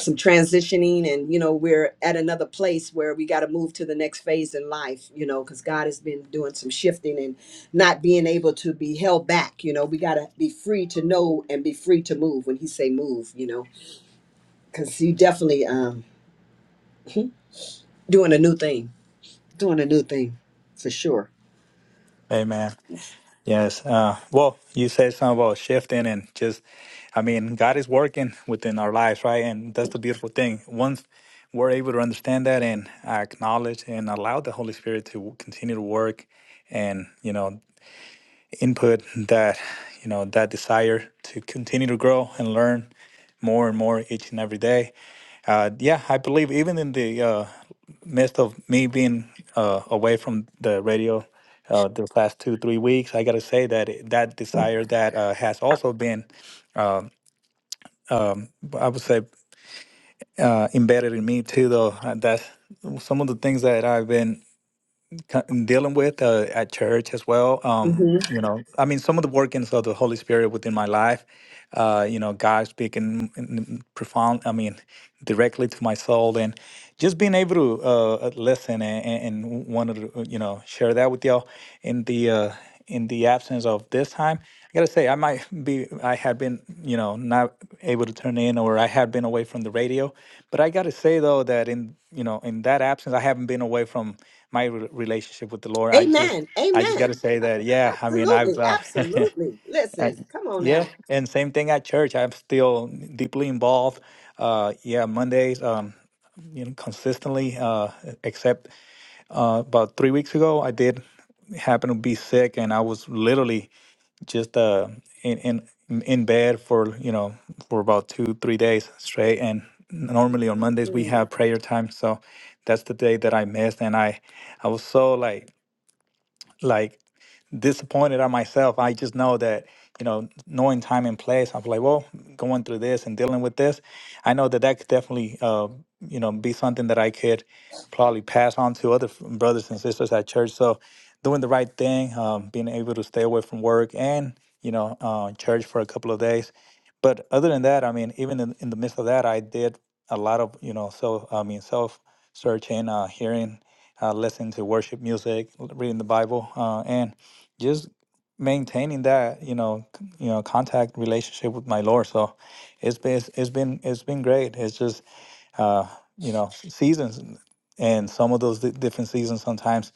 S1: some transitioning and you know we're at another place where we got to move to the next phase in life you know because god has been doing some shifting and not being able to be held back you know we got to be free to know and be free to move when he say move you know because he definitely um doing a new thing doing a new thing for sure
S5: Amen. Yes. Uh, well, you said something about shifting and just, I mean, God is working within our lives, right? And that's the beautiful thing. Once we're able to understand that and acknowledge and allow the Holy Spirit to continue to work and, you know, input that you know that desire to continue to grow and learn more and more each and every day uh, yeah i believe even in the uh, midst of me being uh, away from the radio uh, the last two three weeks i gotta say that it- that desire that uh, has also been um um, i would say uh, embedded in me too though Uh, that's some of the things that i've been co- dealing with uh, at church as well. Um,
S1: hmm
S5: you know, I mean, some of the workings of the Holy Spirit within my life. Uh, you know, God speaking in- in profound. I mean, directly to my soul, and just being able to uh, uh, listen and, and and wanted to uh, you know share that with y'all in the uh, in the absence of this time. I gotta say I might be I had been you know not able to turn in or I had been away from the radio, but I gotta say though that in you know in that absence I haven't been away from my re- relationship with the Lord. I just
S1: amen
S5: I just gotta
S1: amen
S5: say that yeah I mean I've
S1: absolutely
S5: uh, (laughs)
S1: absolutely listen
S5: And
S1: come on now
S5: yeah, and same thing at church. I'm still deeply involved. Uh, yeah, Mondays, um, you know, consistently. Uh, except uh, about three weeks ago, I did happen to be sick, and I was literally just uh in in in bed for you know for about two three days straight. And normally on Mondays we
S1: Mm.
S5: have prayer time, so that's the day that I missed, and I I was so like like disappointed at myself. I just know that, you know, knowing time and place, I'm like, well, going through this and dealing with this, I know that that could definitely, uh, you know, be something that I could probably pass on to other f- brothers and sisters at church. So doing the right thing, um, being able to stay away from work and, you know, uh, church for a couple of days. But other than that, I mean, even in, in the midst of that, I did a lot of, you know, self, I mean, self searching, uh, hearing uh, listening to worship music, reading the Bible, uh, and just maintaining that you know c- you know contact relationship with my Lord. So it's been it's, it's been it's been great. It's just uh, you know s- seasons, and and some of those di- different seasons sometimes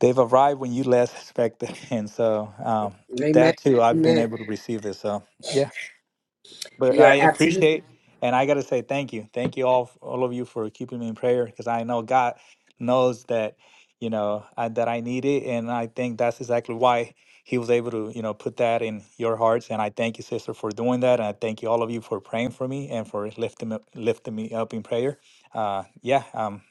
S5: they've arrived when you less expect it, (laughs) and so um,
S1: amen
S5: that too I've been
S1: amen
S5: able to receive this. So yeah. But I
S1: you're absolutely
S5: appreciate, and I got to say thank you. Thank you all, all of you for keeping me in prayer because I know God knows that, you know, I, that I need it. And I think that's exactly why he was able to, you know, put that in your hearts. And I thank you, sister, for doing that. And I thank you, all of you, for praying for me and for lifting, me- lifting me up in prayer. Uh, yeah. um.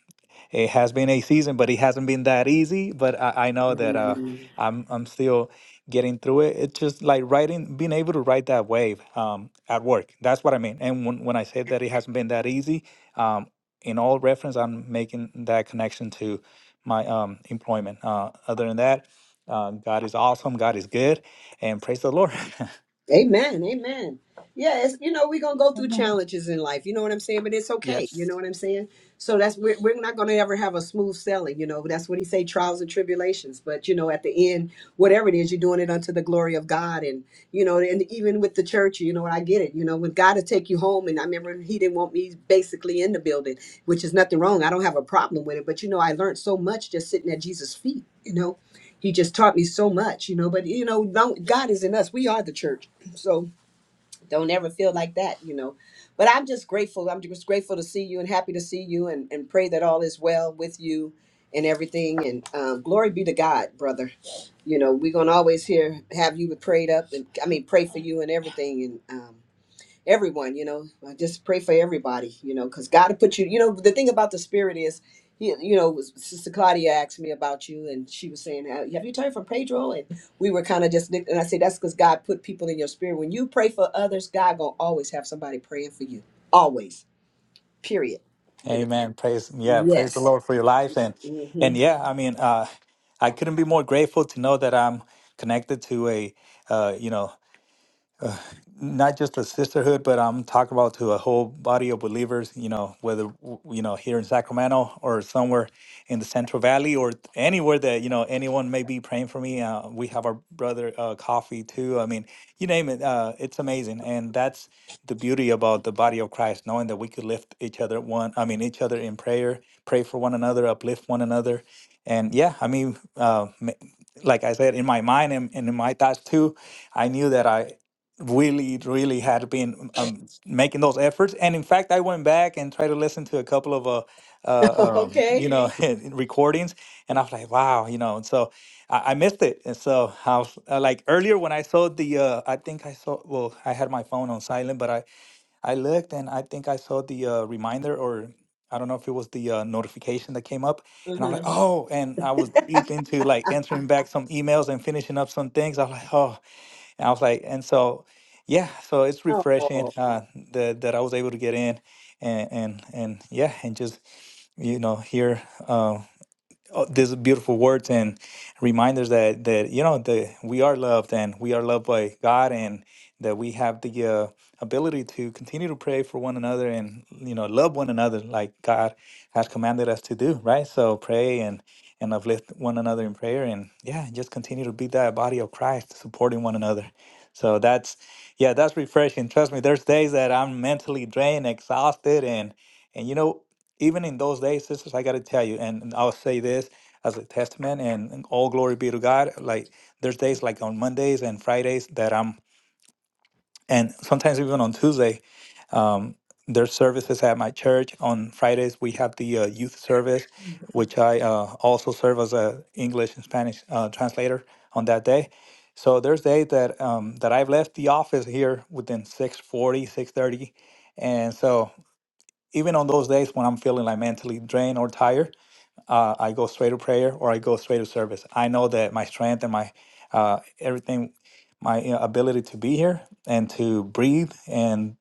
S5: It has been a season, but it hasn't been that easy. But I, I know that uh, I'm I'm still getting through it. It's just like writing, being able to ride that wave um, at work. That's what I mean. And when, when I say that it hasn't been that easy, um, in all reference, I'm making that connection to my um, employment. Uh, other than that, uh, God is awesome. God is good, and praise the Lord. (laughs)
S1: Amen. Amen. Yeah, it's, you know, we're going to go through challenges in life. You know what I'm saying? But it's okay. You know what I'm saying? So that's, we're, we're not going to ever have a smooth sailing. You know, that's what he say, trials and tribulations. But, you know, at the end, whatever it is, you're doing it unto the glory of God. And, you know, and even with the church, you know, I get it. You know, with God to take you home. And I remember he didn't want me basically in the building, which is nothing wrong. I don't have a problem with it. But, you know, I learned so much just sitting at Jesus' feet, you know. He just taught me so much, you know. But you know, don't- God is in us. We are the church. So don't ever feel like that, you know. But I'm just grateful. I'm just grateful to see you and happy to see you and, and pray that all is well with you and everything. And um, glory be to God, brother. You know, we're going to always hear, have you prayed up and I mean, pray for you and everything. and. um, everyone you know i just pray for everybody you know because god will put you you know the thing about the spirit is he, you know was- sister claudia asked me about you and she was saying have have you turned from pedro and we were kind of just nick- and i said that's because god put people in your spirit when you pray for others god gonna always have somebody praying for you always period you know
S5: Amen. Praise yeah, praise the
S1: yes
S5: Lord for your life and
S1: hmm
S5: and yeah, I mean, uh I couldn't be more grateful to know that I'm connected to a uh you know not just a sisterhood, but I'm talking about to a whole body of believers, you know, whether, w- you know, here in Sacramento or somewhere in the Central Valley or anywhere that, you know, anyone may be praying for me. Uh, we have our brother uh, coffee too. I mean, you name it, uh, it's amazing. And that's the beauty about the body of Christ, knowing that we could lift each other one, I mean, each other in prayer, pray for one another, uplift one another. And yeah, I mean, uh, ma- like I said, in my mind and, and in my thoughts too, I knew that I really really had been um, making those efforts and in fact i went back and tried to listen to a couple of uh,
S1: (laughs)
S5: uh um,
S1: okay
S5: you know (laughs) recordings and i was like wow you know and so i, I missed it and so I was, uh, like earlier when i saw the uh i think i saw well i had my phone on silent but i i looked and i think i saw the uh, reminder or I don't know if it was the uh, notification that came up, and I was like,
S1: Mm-hmm.
S5: "Oh!" And I was deep into like answering back some emails and finishing up some things. I was like, "Oh, and I was like, and so, yeah, so it's refreshing
S1: Oh,
S5: uh, that that I was able to get in, and and and yeah, and just you know hear uh, oh, these beautiful words and reminders that that you know that we are loved and we are loved by God and that we have the uh, ability to continue to pray for one another and you know love one another like God has commanded us to do, right? So pray and and uplift one another in prayer and yeah, just continue to be that body of Christ, supporting one another. So that's yeah, that's refreshing. Trust me, there's days that I'm mentally drained, exhausted, and and you know even in those days, sisters, I got to tell you, and, I'll say this as a testament, and, and all glory be to God. Like there's days like on Mondays and Fridays that I'm, and sometimes even on Tuesday, um, there's services at my church. On Fridays we have the uh, youth service, which I uh, also serve as a English and Spanish uh, translator on that day. So there's days that um, that I've left the office here within six forty, six thirty, and so even on those days when I'm feeling like mentally drained or tired, uh, I go straight to prayer or I go straight to service. I know that my strength and my uh, everything, my you know, ability to be here and to breathe and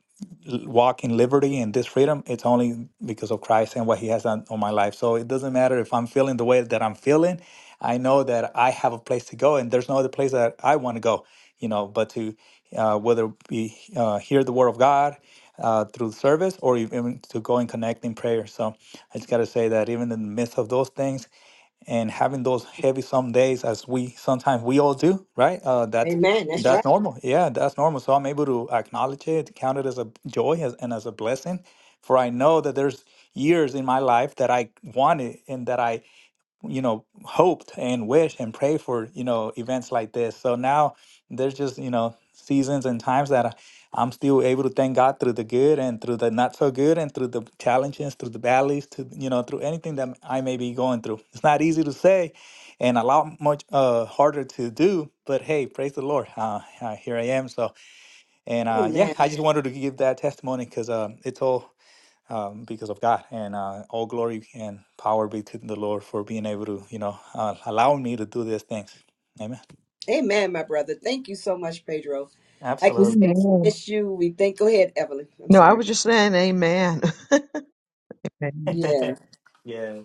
S5: l- walk in liberty and this freedom, it's only because of Christ and what He has done on my life. So it doesn't matter if I'm feeling the way that I'm feeling. I know that I have a place to go, and there's no other place that I want to go, you know, but to uh, whether it be uh, hear the word of God uh, through service or even to go and connect in prayer. So I just gotta say that even in the midst of those things and having those heavy some days, as we sometimes we all do, right? Uh, that's
S1: amen. That's
S5: that's
S1: right.
S5: normal. Yeah, that's normal. So I'm able to acknowledge it, count it as a joy as, and as a blessing. For I know that there's years in my life that I wanted and that I you know hoped and wished and prayed for you know events like this so now there's just you know seasons and times that I, i'm still able to thank god through the good and through the not so good and through the challenges through the valleys to you know through anything that i may be going through it's not easy to say and a lot much uh harder to do but hey praise the lord uh, uh here i am so and uh yeah
S1: Amen.
S5: i just wanted to give that testimony because um it's all um, because of God. And uh, all glory and power be to the Lord for being able to, you know, uh, allow me to do these things. Amen.
S1: Amen, my brother. Thank you so much, Pedro. Like we say,
S5: Absolutely.
S1: we
S2: Amen.
S1: miss you. We thank. Go ahead, Evelyn. I'm
S2: No, I was
S1: sorry.
S2: just saying amen. (laughs)
S5: (laughs)
S2: Amen.
S1: Yeah.
S5: yes.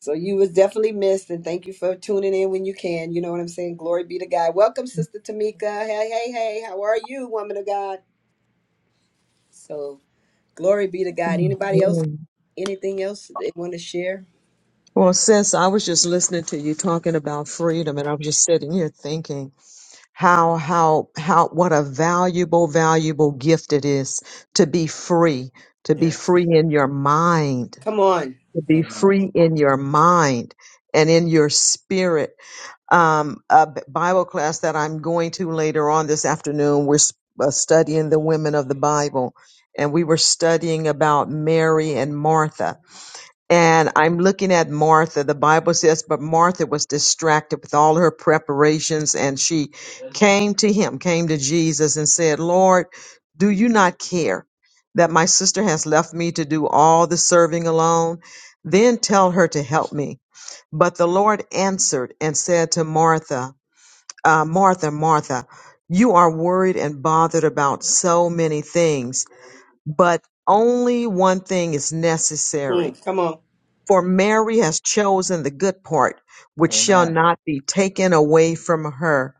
S1: So you was definitely missed, and thank you for tuning in when you can. You know what I'm saying? Glory be to God. Welcome, Sister Tamika. Hey, hey, hey. How are you, woman of God? So glory be to God. Anybody else?
S2: Amen.
S1: Anything else they want to share?
S2: Well, sis, I was just listening to you talking about freedom, and I'm just sitting here thinking how, how, how, what a valuable, valuable gift it is to be free, to be
S5: Yes.
S2: free in your mind.
S1: Come on,
S2: to be
S5: Amen.
S2: free in your mind and in your spirit. Um, a B- Bible class that I'm going to later on this afternoon, we're s- uh, studying the women of the Bible, and we were studying about Mary and Martha. And I'm looking at Martha. The Bible says, but Martha was distracted with all her preparations and she came to him, came to Jesus and said, Lord, do you not care that my sister has left me to do all the serving alone? Then tell her to help me. But the Lord answered and said to Martha, uh, Martha, Martha, you are worried and bothered about so many things, but only one thing is necessary
S1: Mm, come on.
S2: for Mary has chosen the good part, which shall
S5: Amen.
S2: not be taken away from her.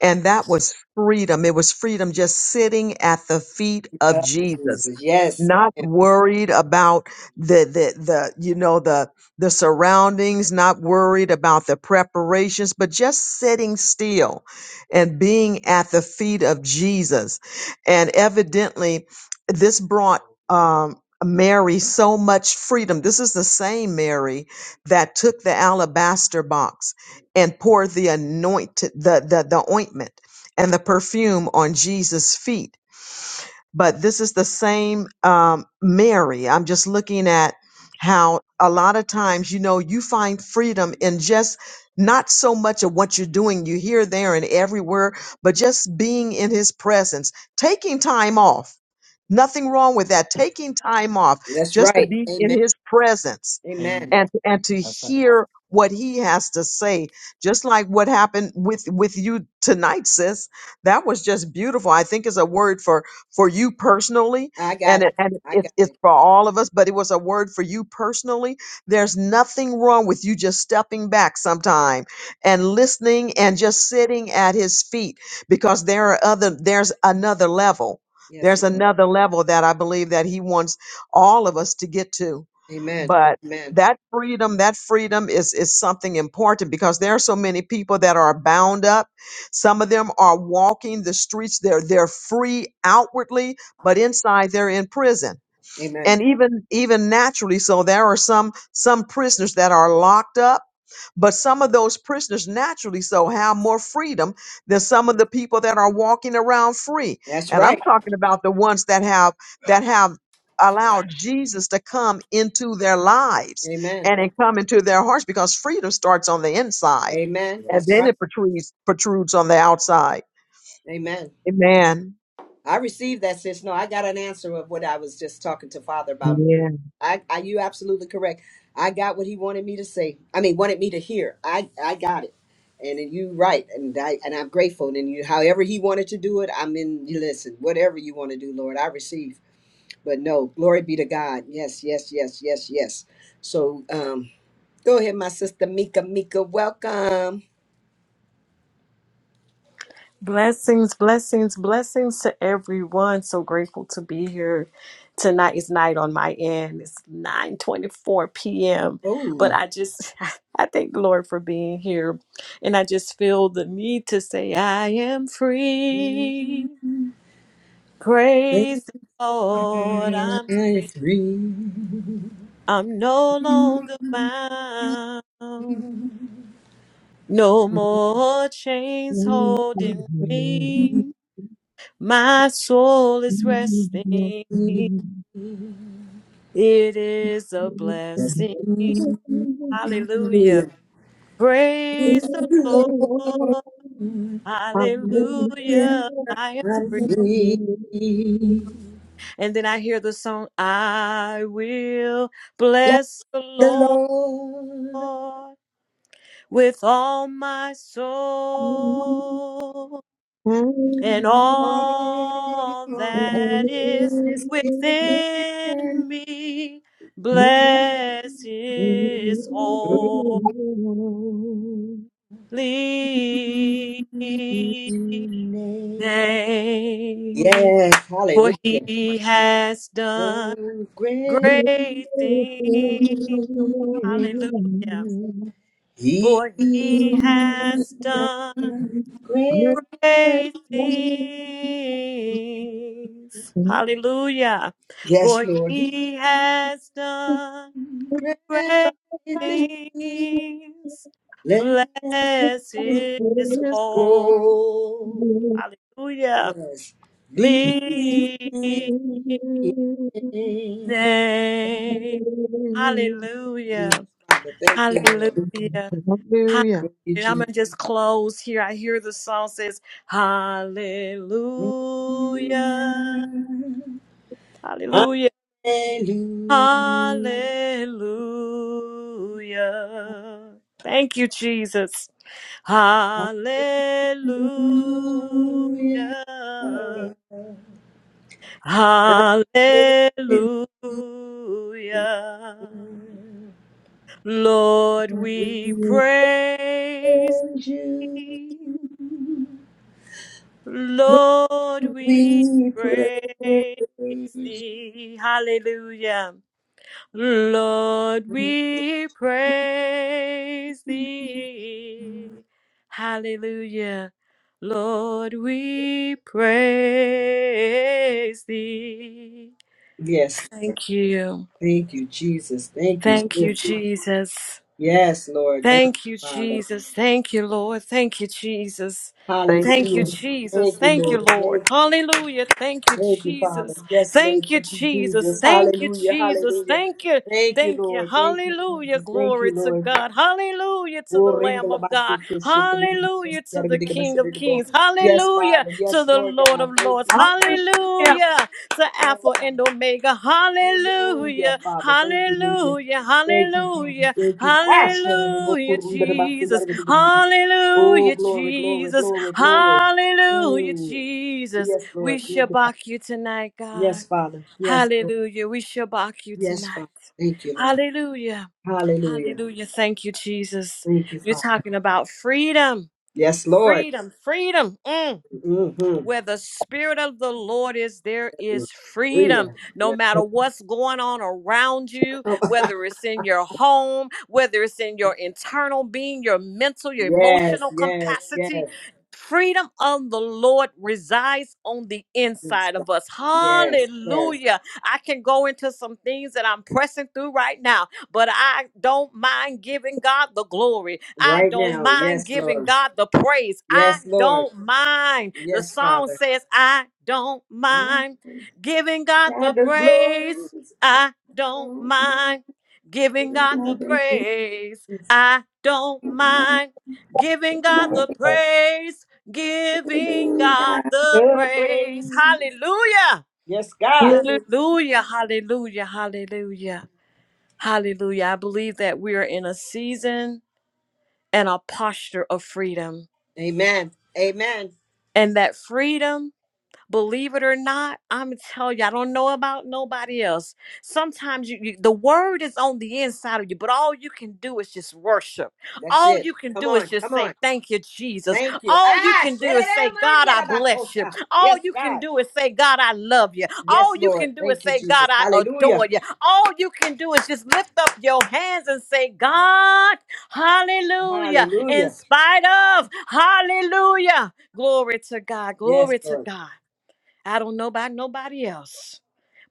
S2: And that
S5: Yes.
S2: was freedom. It was freedom just sitting at the feet of
S1: Uh,
S2: Jesus,
S1: Jesus. Yes,
S2: not worried about the, the, the, you know, the, the surroundings, not worried about the preparations, but just sitting still and being at the feet of Jesus. And evidently this brought, um, Mary so much freedom. This is the same Mary that took the alabaster box and poured the anointed the, the, the ointment and the perfume on Jesus' feet but this is the same um, Mary. I'm just looking at how a lot of times, you know, you find freedom in just not so much of what you're doing, you here, there, and everywhere, but just being in his presence, taking time off. Nothing wrong with that. Taking time off
S1: that's
S2: just to
S1: right.
S2: be
S1: Amen.
S2: in his presence
S1: Amen.
S2: and, and to hear what he has to say. Just like what happened with, with you tonight, sis. That was just beautiful. I think is a word for for you personally,
S1: I got
S2: and it,
S1: it.
S2: and
S1: I
S2: it's
S1: got
S2: it's
S1: it.
S2: for all of us. But it was a word for you personally. There's nothing wrong with you just stepping back sometime and listening and just sitting at His feet because there are other there's another level.
S1: Yes,
S2: There's
S1: Lord.
S2: another level that I believe that He wants all of us to get to
S1: Amen.
S2: but
S1: Amen.
S2: that freedom that freedom is is something important because there are so many people that are bound up some of them are walking the streets. They're they're free outwardly, but inside they're in prison.
S1: Amen.
S2: And even even naturally, so there are some some prisoners that are locked up but some of those prisoners naturally so have more freedom than some of the people that are walking around free.
S1: That's
S2: And I'm
S1: right.
S2: talking about the ones that have that have allowed Jesus to come into their lives
S1: Amen.
S2: and it come into their hearts because freedom starts on the inside
S1: Amen.
S2: and
S1: That's
S2: then
S1: right.
S2: it protrudes protrudes on the outside.
S1: Amen.
S2: Amen.
S1: I received that, sis. No, I got an answer of what I was just talking to Father about.
S2: Yeah.
S1: I, I you absolutely correct. I got what he wanted me to say. I mean, wanted me to hear. I, I got it, and then you right, and I and I'm grateful. And you, however he wanted to do it, I'm in. You listen, whatever you want to do, Lord, I receive. But no, glory be to God. Yes, yes, yes, yes, yes. So, um, go ahead, my sister Mika. Mika, welcome.
S6: Blessings, blessings, blessings to everyone. So grateful to be here. Tonight is night on my end. It's 9:24 p.m. But
S1: Oh,
S6: I just (laughs) I thank the Lord for being here. And I just feel the need to say I am free. Praise the Lord,
S1: three.
S6: I'm free. I'm no longer bound. No more chains holding me. My soul is resting. It is a blessing. Hallelujah.
S1: Hallelujah.
S2: Thank
S6: Praise the Lord.
S1: Hallelujah,
S6: Hallelujah. I am
S1: I'm
S6: free.
S1: free.
S6: And then I hear the song, I will
S1: Bless
S6: bless the
S1: the
S6: Lord
S1: Lord.
S6: with all my soul. and all
S1: Oh,
S6: that is
S1: his good
S6: within
S1: and
S6: me. Bless his holy name,
S1: Yes,
S6: for
S1: hallelujah.
S6: he has done
S1: So great
S6: great things. Hallelujah.
S1: he
S6: For he has done great things. Hallelujah.
S1: Yes,
S6: For
S1: Lord, he
S6: he has done
S1: made
S6: great
S1: the sea.
S6: things.
S1: Let
S6: Bless
S1: it
S6: his whole.
S1: go.
S2: you.
S6: Hallelujah.
S1: Yes, leave
S6: Lead
S1: Yes,
S6: Name. Hallelujah.
S1: Father, thank you,
S6: Hallelujah.
S1: Lord.
S6: Hallelujah.
S2: Hallelujah.
S1: Thank you,
S6: I'm going
S1: Jesus.
S6: to just close here. I hear the song says, Hallelujah. Hallelujah.
S1: Hallelujah.
S6: Hallelujah. Thank you, Jesus.
S1: Lord,
S6: Hallelujah. Hallelujah. Lord, we
S1: We
S6: praise
S1: praise you.
S6: thee.
S1: Lord,
S6: Lord, we
S1: we
S6: praise
S1: praise
S6: thee. Hallelujah. Lord,
S1: you.
S6: we praise thee. Hallelujah. Lord, we praise thee.
S1: Yes,
S6: Thank you.
S1: thank you, Jesus. Thank you.
S6: Thank you,
S1: Scripture.
S6: Jesus.
S1: Yes, Lord. Thank you,
S6: Thank you,
S1: Father.
S6: Jesus. Thank you, Lord. Thank you, Jesus.
S2: Thank
S6: Thank you,
S1: Hallelujah.
S2: you.
S6: Jesus.
S1: Thank you,
S6: Thank you,
S1: Lord. Thank you.
S6: Lord. Hallelujah. Thank you,
S1: Thank you,
S6: Jesus.
S1: Father. Yes, Lord.
S6: Thank you,
S1: Thank you,
S6: Jesus.
S1: Jesus.
S6: Thank you,
S1: Hallelujah.
S6: Jesus.
S1: Hallelujah.
S6: Thank you.
S1: Thank you,
S6: Thank you.
S1: Lord. Thank you,
S6: Hallelujah.
S1: Jesus. Thank
S6: Glory
S1: you,
S6: to
S1: Lord.
S6: God. Hallelujah to the
S1: We'll ring the
S6: Lamb of
S1: labasi
S6: God.
S1: kishi.
S6: Hallelujah to the King of Kings.
S1: Yes,
S6: Hallelujah
S1: Father.
S6: to
S1: Yes,
S6: the
S1: Lord
S6: Lord of
S1: God. Thank
S6: Lords.
S1: you, Father.
S2: Hallelujah.
S6: Hallelujah to
S1: Oh,
S6: Alpha
S1: Father.
S6: and Omega.
S1: Hallelujah,
S6: Hallelujah.
S1: Father. Thank you, Lord.
S6: Hallelujah.
S1: Thank you, Jesus.
S6: Hallelujah.
S1: Thank you. Ah,
S6: Hallelujah, Jesus.
S1: Oh,
S6: Hallelujah,
S1: glory, glory,
S6: Jesus.
S1: glory, glory.
S6: Hallelujah,
S1: Mm.
S6: Jesus.
S1: Yes,
S6: We
S1: Lord. Thank you, Father.
S6: shabak you tonight, God.
S1: Yes, Father. Yes.
S6: Hallelujah. We shabak you
S1: Yes,
S6: tonight.
S1: Father. Thank you, Lord.
S6: Hallelujah.
S1: Hallelujah.
S6: Hallelujah. Thank you, Jesus.
S1: Thank you,
S6: You're
S1: Father.
S6: talking about freedom,
S1: Yes, Lord.
S6: freedom, freedom. Mm.
S1: Mm-hmm.
S6: Where the Spirit of the Lord is, there is freedom.
S1: Freedom.
S6: No
S1: Yes.
S6: matter what's going on around you,
S1: Come on.
S6: whether it's in your home, whether it's in your internal being, your mental, your
S1: Yes,
S6: emotional
S1: yes,
S6: capacity,
S1: yes.
S6: freedom of the Lord resides on the
S1: Good
S6: inside
S1: stuff.
S6: of us.
S1: Yes, yes.
S6: Hallelujah. I can go into some things that I'm pressing through right now but I don't mind giving God the glory. I
S1: Right
S6: don't
S1: now.
S6: mind
S1: Yes,
S6: giving
S1: Lord.
S6: God the praise. I
S1: Yes, Lord.
S6: don't mind. The
S1: Yes,
S6: song
S1: Father.
S6: says, I don't mind
S1: Nothing
S6: giving God the
S1: but the glory,
S6: praise. I don't mind giving God the praise. I don't mind giving God the praise. Giving God the
S1: the
S6: praise.
S1: praise.
S6: Hallelujah.
S1: Yes, God.
S6: Hallelujah. Hallelujah. Hallelujah. Hallelujah. I believe that we are in a season and a posture of freedom,
S1: Amen. Amen.
S6: and that freedom Believe it or not, I'm telling you, I don't know about nobody else. Sometimes you, you, the word is on the inside of you, but all you can do is just worship.
S1: That's
S6: All
S1: it.
S6: you can
S1: Come
S6: do is
S1: on.
S6: just
S1: Come on.
S6: say, Thank you, Jesus.
S1: Thank you.
S6: All you
S1: Ah,
S6: can do is
S1: shedere
S6: say, God, I
S1: manyera
S6: bless you.
S1: bakota.
S6: All
S1: Yes,
S6: you can
S1: God.
S6: do is say, God, I love you. All
S1: Yes,
S6: you
S1: Lord.
S6: can do is
S1: Thank you,
S6: say, God,
S1: Jesus.
S6: I adore
S1: Hallelujah.
S6: you. All you can do is just lift up your hands and say, God, hallelujah. In
S1: Hallelujah.
S6: spite of, hallelujah. Glory to God.
S1: Yes,
S6: Glory to
S1: Lord.
S6: God. I don't know about nobody else,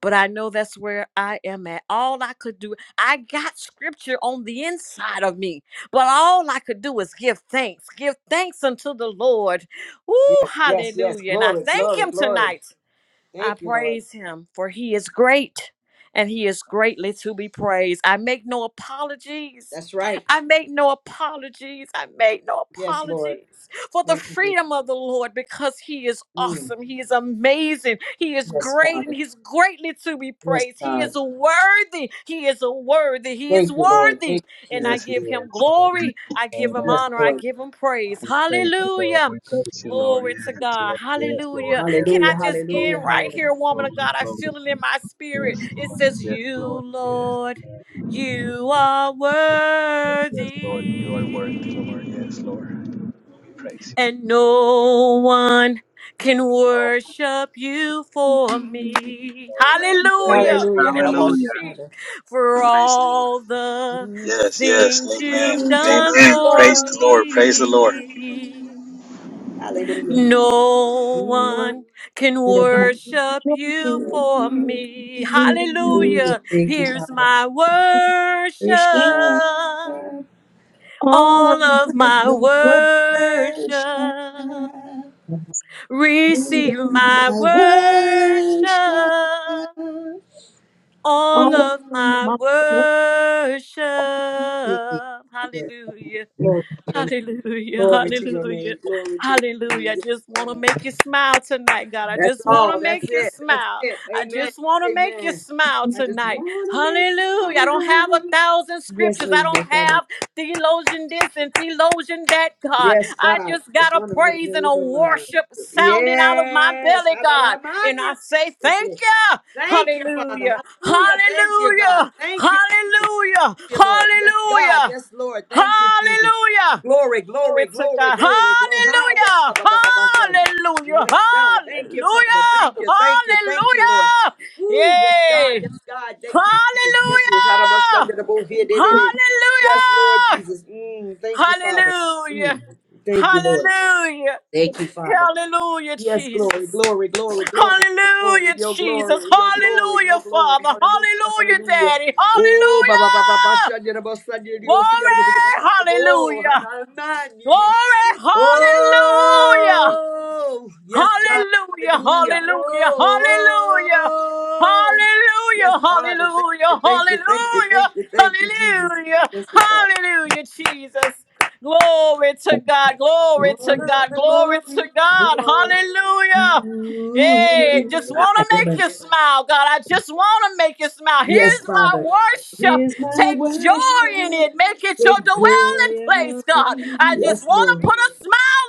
S6: but I know that's where I am at. All I could do, I got scripture on the inside of me, but all I could do was give thanks, give thanks unto the Lord. Ooh,
S1: Yes, yes, yes.
S6: hallelujah. And I
S1: Glory,
S6: thank
S1: glory,
S6: Him
S1: glory.
S6: tonight. I
S1: Thank you, Lord.
S6: praise him, for he is great and he is greatly to be praised. I make no apologies.
S1: That's right.
S6: I make no apologies. I make no
S1: Yes, Lord.
S6: apologies for the
S1: Thank you, Jesus.
S6: freedom of the Lord because he is
S1: Mm.
S6: awesome. He is amazing. He is
S1: Yes,
S6: great and
S1: Father.
S6: he's greatly to be
S1: Yes,
S6: praised. He
S1: God.
S6: is worthy. He is worthy. He is
S1: Thank you, Lord.
S6: worthy.
S1: Thank you,
S6: And I
S1: Jesus.
S5: Yes, he
S6: give him glory.
S5: Amen.
S6: I give
S5: Amen.
S6: him
S1: Yes,
S6: honor. I
S1: Lord.
S6: give him praise.
S5: We praise you, Lord.
S6: Hallelujah.
S5: We praise you, Lord.
S6: Glory to
S5: Yes, yes,
S6: God.
S5: yes, Lord.
S6: Hallelujah.
S5: Yes,
S6: Can I
S1: Hallelujah,
S5: Lord.
S6: just
S5: Lord,
S6: end
S1: hallelujah,
S6: right
S5: Lord.
S1: hallelujah.
S6: here, woman of
S5: Holy,
S6: God? I feel it
S5: holy.
S6: in my spirit.
S5: Yes,
S6: It
S5: Lord.
S6: says,
S5: Yes,
S6: You,
S5: Lord. Yes,
S6: Lord,
S5: Lord.
S6: you are
S5: Yes, Lord. You are worthy,
S6: worthy,
S5: Lord. Yes, Lord. We praise you.
S6: and no one can
S5: Lord.
S6: worship you for me.
S5: Amen. Yes.
S6: Hallelujah.
S1: Hallelujah,
S5: Hallelujah.
S1: hallelujah, Father.
S6: For
S5: Praise the Lord.
S6: all the
S1: Mm,
S5: Yes, yes.
S6: things
S5: Amen.
S6: you've
S1: You died
S6: done
S5: Amen.
S6: for
S5: Praise
S1: for
S5: the
S1: me.
S5: Lord. Praise the Lord.
S6: me.
S1: Hallelujah.
S6: No
S1: Mm,
S6: one can worship you for me.
S2: Hallelujah.
S1: Hallelujah.
S6: Hallelujah.
S1: Thank you,
S6: Here's my worship.
S1: Father.
S2: All of
S6: All of my
S1: Worship, I
S6: worship. Receive my worship.
S1: worship.
S6: All
S2: all of
S6: of
S1: Glory
S6: my
S2: my
S6: worship.
S1: to Jesus.
S6: Hallelujah.
S1: Glory to your name.
S6: Hallelujah,
S1: Glory to your
S6: hallelujah,
S1: name. Glory to your
S6: hallelujah.
S1: name.
S6: I just
S1: Yes,
S6: want to
S1: God.
S6: make you smile tonight, God. I
S1: That's
S6: just want to
S1: all. That's
S6: make you
S1: it. That's
S6: smile.
S1: it.
S6: I
S1: Amen.
S6: just want to make you
S1: Amen.
S6: smile
S1: I just
S6: tonight.
S1: want to make you
S6: Hallelujah. I don't have a
S1: smile.
S6: thousand
S1: Yes,
S6: scriptures. I
S1: please, dear
S6: don't
S1: Father.
S6: have theologian this and theologian that, God.
S1: Yes,
S6: I
S1: God.
S6: just got
S1: Just
S6: a
S1: want to make
S6: praise and
S1: you
S6: a
S1: smile.
S6: worship sounding out of my
S1: Yes.
S6: belly, God. And I
S1: Hallelujah.
S6: say, thank you.
S1: Thank you, Father.
S6: Hallelujah,
S1: Hallelujah. Thank you, God.
S6: hallelujah,
S1: Thank you.
S6: hallelujah,
S1: you, Lord. Yes, God.
S6: hallelujah,
S1: Yes, Lord. Thank you, Jesus.
S6: hallelujah.
S1: Glory,
S6: Glory
S1: glory,
S6: to
S1: glory,
S6: God.
S1: glory, glory. Hi, yeah, ba,
S6: Hallelujah.
S1: ba, ba, ba, ba, son.
S6: Hallelujah.
S1: Yes, God. Thank you, Father.
S6: Hallelujah.
S1: Thank you, thank you, thank you, Lord.
S6: Hallelujah.
S1: Woo, yes, God.
S6: Yay.
S1: Yes, God. Thank you, Jesus. Yes, yes. Hara ba,
S6: Hallelujah.
S1: shanda, da, bo, here, de, de, de. Yes, Lord
S6: Hallelujah.
S1: Jesus. Mm, thank you, Father. Mm,
S6: Hallelujah.
S1: thank you, Lord.
S6: Hallelujah.
S1: Thank you, Father.
S6: Hallelujah,
S1: Yes, glory,
S6: Jesus.
S1: glory, glory, glory, glory,
S6: Hallelujah,
S1: your
S6: Jesus.
S1: glory, your glory,
S6: Hallelujah,
S1: your glory.
S6: Father.
S1: Hallelujah,
S6: Hallelujah,
S1: hallelujah.
S6: Daddy.
S1: Oh, ba ba ba ba ba
S6: Hallelujah.
S1: shanya na ba shanya di o siya na kutika
S6: Glory.
S1: ba shanya ba oh
S6: Hallelujah.
S1: hanan ni ni ni.
S6: Glory. Hallelujah.
S1: Oh, yes, God,
S6: Hallelujah,
S1: hallelujah.
S6: hallelujah,
S1: Oh,
S6: hallelujah.
S1: oh, yes,
S6: Hallelujah,
S1: Father, thank you,
S6: hallelujah,
S1: thank you, thank you, thank you, thank you, Jesus.
S6: hallelujah, hallelujah,
S1: Yes, Father.
S6: hallelujah, Jesus. Glory to God, glory
S1: All
S6: to
S1: of
S6: God,
S1: the
S6: glory to
S1: glory
S6: God.
S1: belongs to
S6: Hallelujah. Hey, just want to
S1: you.
S6: make you smile, God. I just want to make you smile.
S1: Yes,
S6: Here's my
S1: Father.
S6: worship.
S1: Here's my
S6: Take joy in
S1: worship,
S6: it. Make it your
S1: great
S6: dwelling
S1: joy. of
S6: place, God.
S1: you.
S6: I just
S1: Yes,
S6: want
S1: Lord.
S6: to put a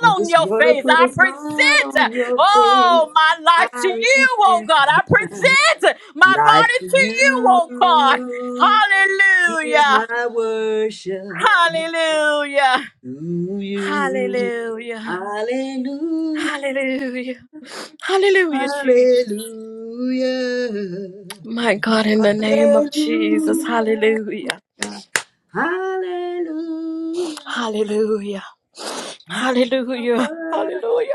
S1: I
S6: on
S1: just
S6: your
S1: want to
S6: face.
S1: put
S6: I
S1: a smile
S6: present, uh,
S1: on your face.
S6: oh, my life to
S1: I
S6: you, oh,
S1: refess
S6: God. I present my
S1: life
S6: body
S1: to
S6: to you,
S1: you.
S6: oh, God.
S1: Here's
S6: Hallelujah.
S1: my worship
S6: Hallelujah.
S1: to you.
S6: Hallelujah.
S1: Hallelujah.
S6: Hallelujah. Hallelujah, Jesus.
S1: Hallelujah.
S6: My God, in the name of Jesus,
S1: Hallelujah.
S6: hallelujah,
S1: Hallelujah.
S6: hallelujah,
S1: You are
S6: hallelujah,
S1: worthy.
S6: hallelujah,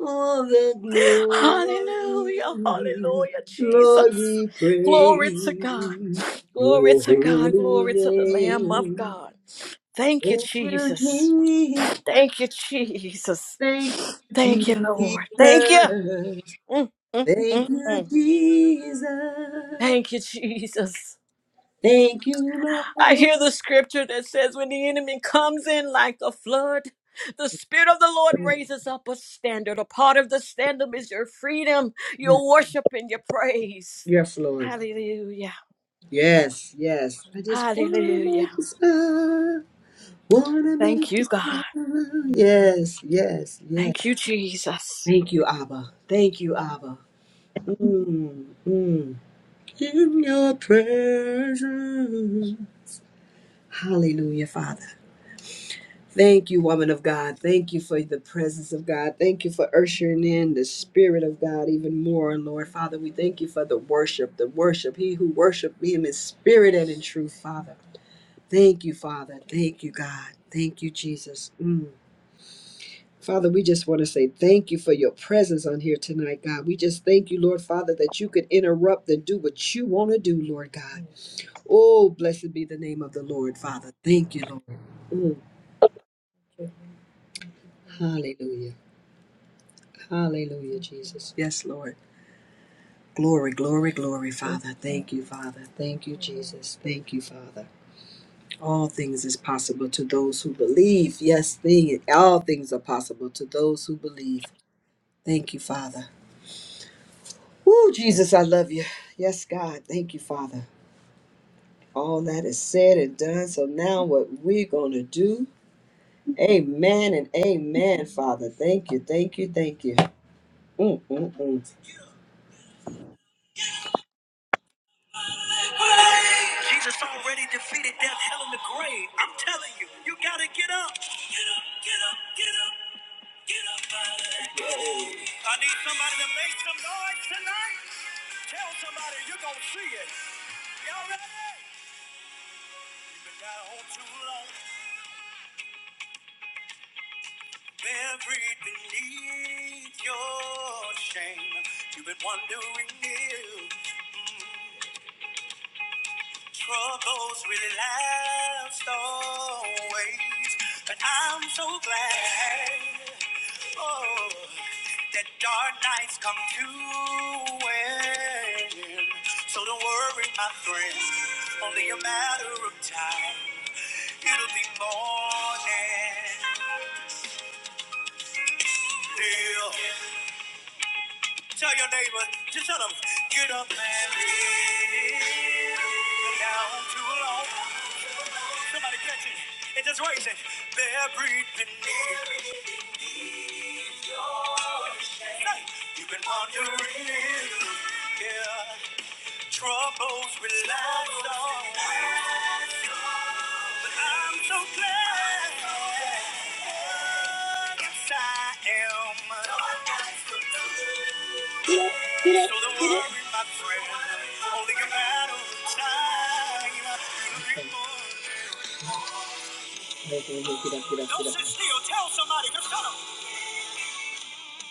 S1: all the glory.
S6: hallelujah, hallelujah,
S1: Lord,
S6: Jesus.
S1: we
S6: Glory to God,
S1: praise
S6: glory
S1: your
S6: to God,
S1: holy
S6: glory to the Lamb of
S1: name.
S6: God. Thank you,
S1: Thank you,
S6: Jesus.
S1: Jesus.
S6: Thank you, Jesus.
S1: Thank
S6: Thank you,
S1: you,
S6: Lord. Thank you.
S1: Jesus.
S6: Mm, mm, mm,
S1: Thank you,
S6: mm.
S1: Jesus.
S6: Thank you, Jesus.
S1: Thank you,
S6: I
S1: Lord.
S6: hear the scripture that says, when the enemy comes in like a flood, the Spirit of the Lord raises up a standard. A part of the standard is your freedom,
S1: Yes,
S6: your worship, and your praise.
S1: yes, Lord.
S6: Hallelujah.
S1: Yes, yes. I just wanna
S6: Hallelujah.
S1: make you smile. Wanna
S6: Thank
S1: make
S6: you,
S1: you
S6: God.
S1: smile. Yes, yes, yes,
S6: Thank you, Jesus.
S1: Thank you, Abba. Thank you, Abba. Mm, mm. In your presence. Hallelujah, Father. Thank you, woman of God. Thank you for the presence of God. Thank you for ushering in the Spirit of God even more, Lord. Father, we thank you for the worship, the worship. He who worshiped me in spirit and in truth, Father. Thank you, Father. Thank you, God. Thank you, Jesus. Mm. Father, we just want to say thank you for your presence on here tonight, God. We just thank you, Lord Father, that you could interrupt and do what you want to do, Lord God. Oh, blessed be the name of the Lord, Father. Thank you, Lord. Mm, hallelujah. Hallelujah, Jesus. Yes, Lord. Glory, glory, glory, Father. Thank you, Father. Thank you, Jesus. Thank you, Father. All things is possible to those who believe. Yes, thing. All things are possible to those who believe. Thank you, Father. Woo, Jesus, I love you. Yes, God. Thank you, Father. All that is said and done. So now what we're going to do. Amen and amen, Father. Thank you, thank you, thank you. Mm, mm, mm. Jesus already defeated death, hell, and the grave. I'm telling you, you got to get up. Get up, get up, get up, get up out of that grave. I need somebody to make some noise tonight. Tell somebody you're going to see it. Y'all ready? You've been down home too long. Buried beneath your shame, you've been wandering near. Mm, Troubles really last always, but I'm so glad. Oh, that dark nights come to an end. So don't worry, my friend, only a matter of time. It'll be morning. Yeah. Tell your neighbor, just tell them, get up and leave. You're down too long. Somebody catch it. It just raise it. Bear breathing deep. You've been wandering. Yeah, Troubles relax on. But I'm so glad. Yes, I am. So don't worry, my friend. Only a matter of time. You'll be more. Don't sit still. Tell somebody. Just tell them.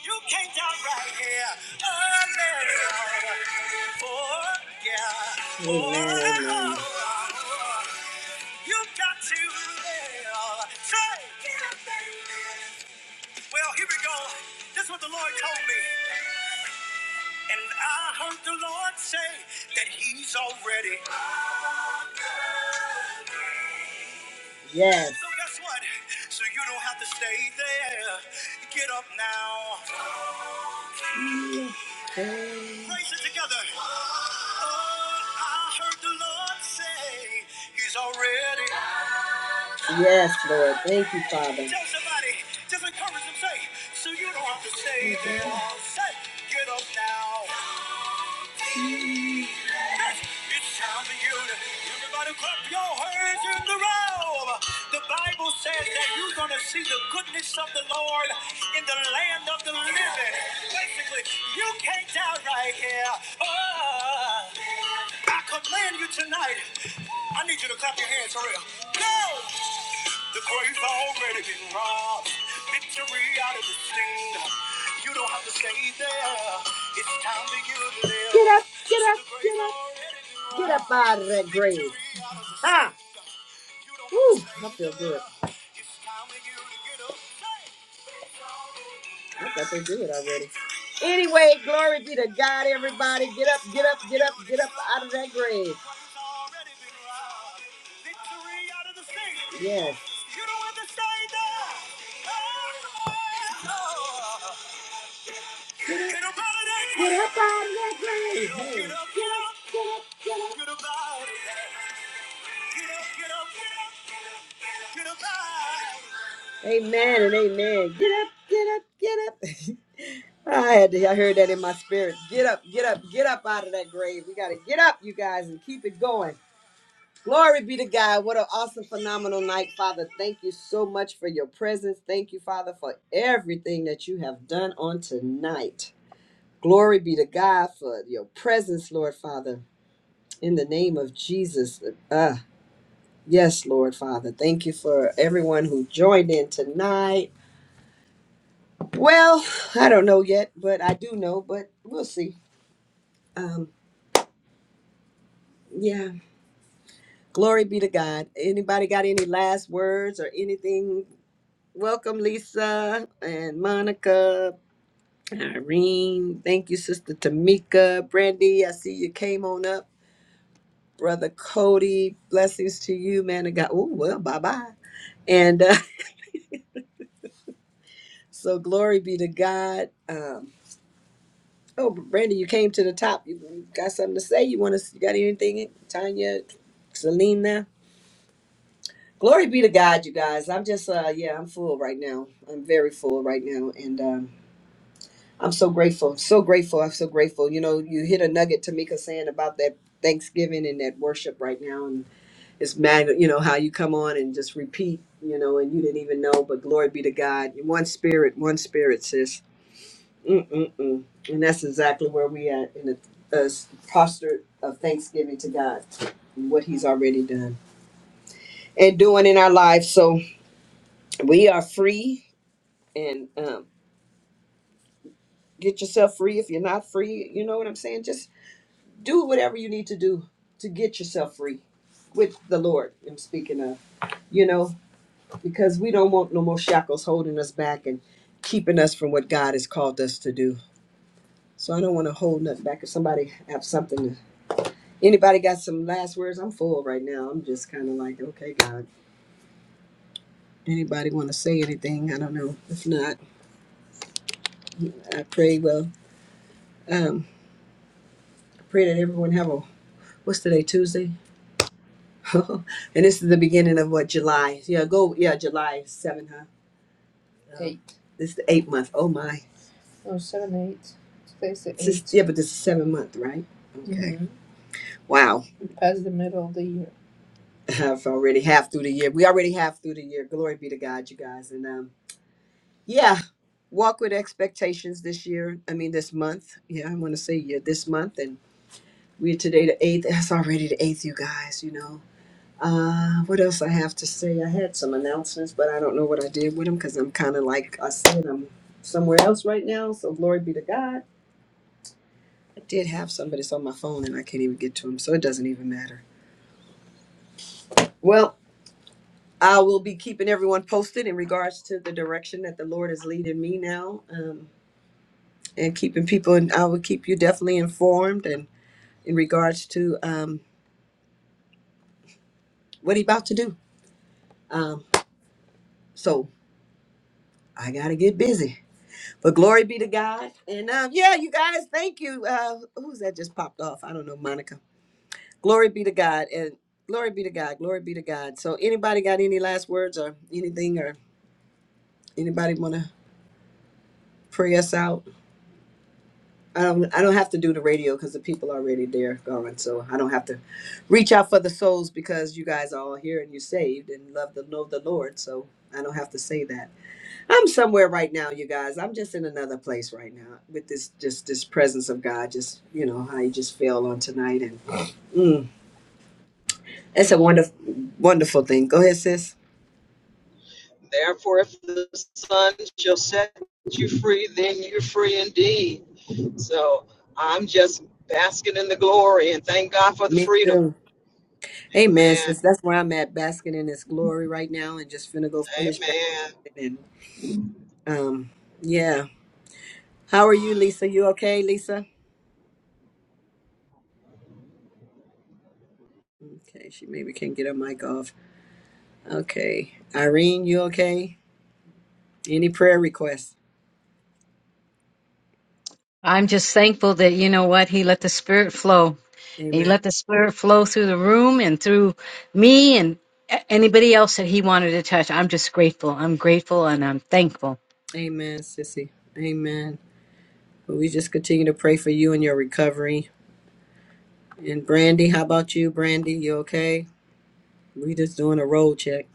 S1: You came down right here. Oh, no. Oh, yeah. Amen, amen. Oh, you got to live. Say, well, here we go. This is what the Lord told me. And I heard the Lord say that He's already. Yes. So guess what? So you don't have to stay there. Get up now. Praise it together. Oh, I heard the Lord say he's already. Yes, Lord. Thank you, Father. Tell somebody, just encourage them, say, so you don't have to stay there all set. Get up now. Yes, it's time for you to, everybody clap your hands in the row. The Bible says that you're going to see the goodness of the Lord in the land of the living. Basically, you can't die right here. Oh, I command you tonight. I need you to clap your hands for real. Go! The grave's already been robbed. Victory out of the sting. You don't have to stay there. It's time to give it a live. Get up, get up, get up. Get up out of that grave. Victory out of the- you don't have to Woo, I feel good. It's time for you to get up. I thought they did already. Anyway, glory be to God, everybody. Get up, get up, get up, get up out of that grave. Yes. Get up out of that grave. Amen and amen. Get up, get up, get up. (laughs) I had to, I heard that in my spirit. Get up, get up, get up out of that grave. We got to get up, you guys, and keep it going. Glory be to God. What an awesome, phenomenal night, Father. Thank you so much for your presence. Thank you, Father, for everything that you have done on tonight. Glory be to God for your presence, Lord Father, in the name of Jesus. Uh, yes, Lord Father. Thank you for everyone who joined in tonight. Well, I don't know yet, but I do know, but we'll see. Um, yeah, Glory be to God. Anybody got any last words or anything? Welcome, Lisa and Monica, Irene. Thank you, Sister Tamika. Brandy, I see you came on up. Brother Cody, blessings to you, man of God. Oh, well, bye bye. And uh, (laughs) so, glory be to God. Um, oh, Brandy, you came to the top. You, you got something to say? You want to? You got anything? Tanya, Selena. Glory be to God, you guys. I'm just, uh, yeah, I'm full right now. I'm very full right now, and um, I'm so grateful, so grateful. I'm so grateful. You know, you hit a nugget, Tamika, saying about that Thanksgiving and that worship right now, and it's mad. you know, how you come on and just repeat, you know, and you didn't even know. But glory be to God. One spirit, one spirit, sis. Mm-mm-mm. And that's exactly where we at in the uh, posture of thanksgiving to God, and what He's already done and doing in our lives. So we are free and um, get yourself free if you're not free. You know what I'm saying? Just do whatever you need to do to get yourself free with the Lord. I'm speaking of, you know, because we don't want no more shackles holding us back and keeping us from what God has called us to do. So I don't want to hold nothing back. If somebody have something, anybody got some last words? I'm full right now. I'm just kind of like, okay, God. Anybody want to say anything? I don't know. If not, I pray. Well, um, I pray that everyone have a what's today? Tuesday. (laughs) and this is the beginning of what July. Yeah, go. Yeah, July seven, huh? Yeah. Eight. This is the eight month. Oh my. Oh, seven, eight. Today's the This is, eight. yeah, but this is seven month, right? Okay. hmm Wow. (laughs) Past the middle of the year. (laughs) I've already half through the year. We already half through the year. Glory be to God, you guys. And um, yeah, walk with expectations this year. I mean, this month. Yeah, I want to say yeah, this month. And we're today the eighth. That's already the eighth, you guys. You know. Uh, what else I have to say? I had some announcements, but I don't know what I did with them because I'm kind of like I said, I'm somewhere else right now. So glory be to God. I did have some, but it's on my phone and I can't even get to them, so it doesn't even matter. Well, I will be keeping everyone posted in regards to the direction that the Lord is leading me now, um, and keeping people. And I will keep you definitely informed and in regards to um, what He about to do. Um, so I gotta get busy. But glory be to God. And uh, yeah, you guys, thank you. Uh, who's that just popped off? I don't know, Monica. Glory be to God. And glory be to God. Glory be to God. So anybody got any last words or anything or anybody want to pray us out? I don't, I don't have to do the radio because the people are already there going. So I don't have to reach out for the souls because you guys are all here and you're saved and love to know the Lord. So I don't have to say that. I'm somewhere right now, you guys. I'm just in another place right now with this just this presence of God. Just you know how you just feel on tonight, and mm, it's a wonderful, wonderful thing. Go ahead, sis.
S2: Therefore, if the Son shall set you free, then you're free indeed. So I'm just basking in the glory and thank God for the
S1: Me
S2: freedom.
S1: too. Amen,
S2: Amen.
S1: sis. That's where I'm at, basking in His glory right now, and just finna go finish
S2: Amen.
S1: basking. And um, yeah. How are you, Lisa? You okay, Lisa? Okay, she maybe can get her mic off. Okay, Irene, you okay? Any prayer requests?
S3: I'm just thankful that you know what he let the spirit flow. He
S1: Amen.
S3: let the spirit flow through the room and through me and a- anybody else that he wanted to touch. I'm just grateful. I'm grateful and I'm thankful.
S1: Amen, sissy. Amen. But we just continue to pray for you and your recovery. And Brandy, how about you, Brandy? You okay? We just doing a roll check.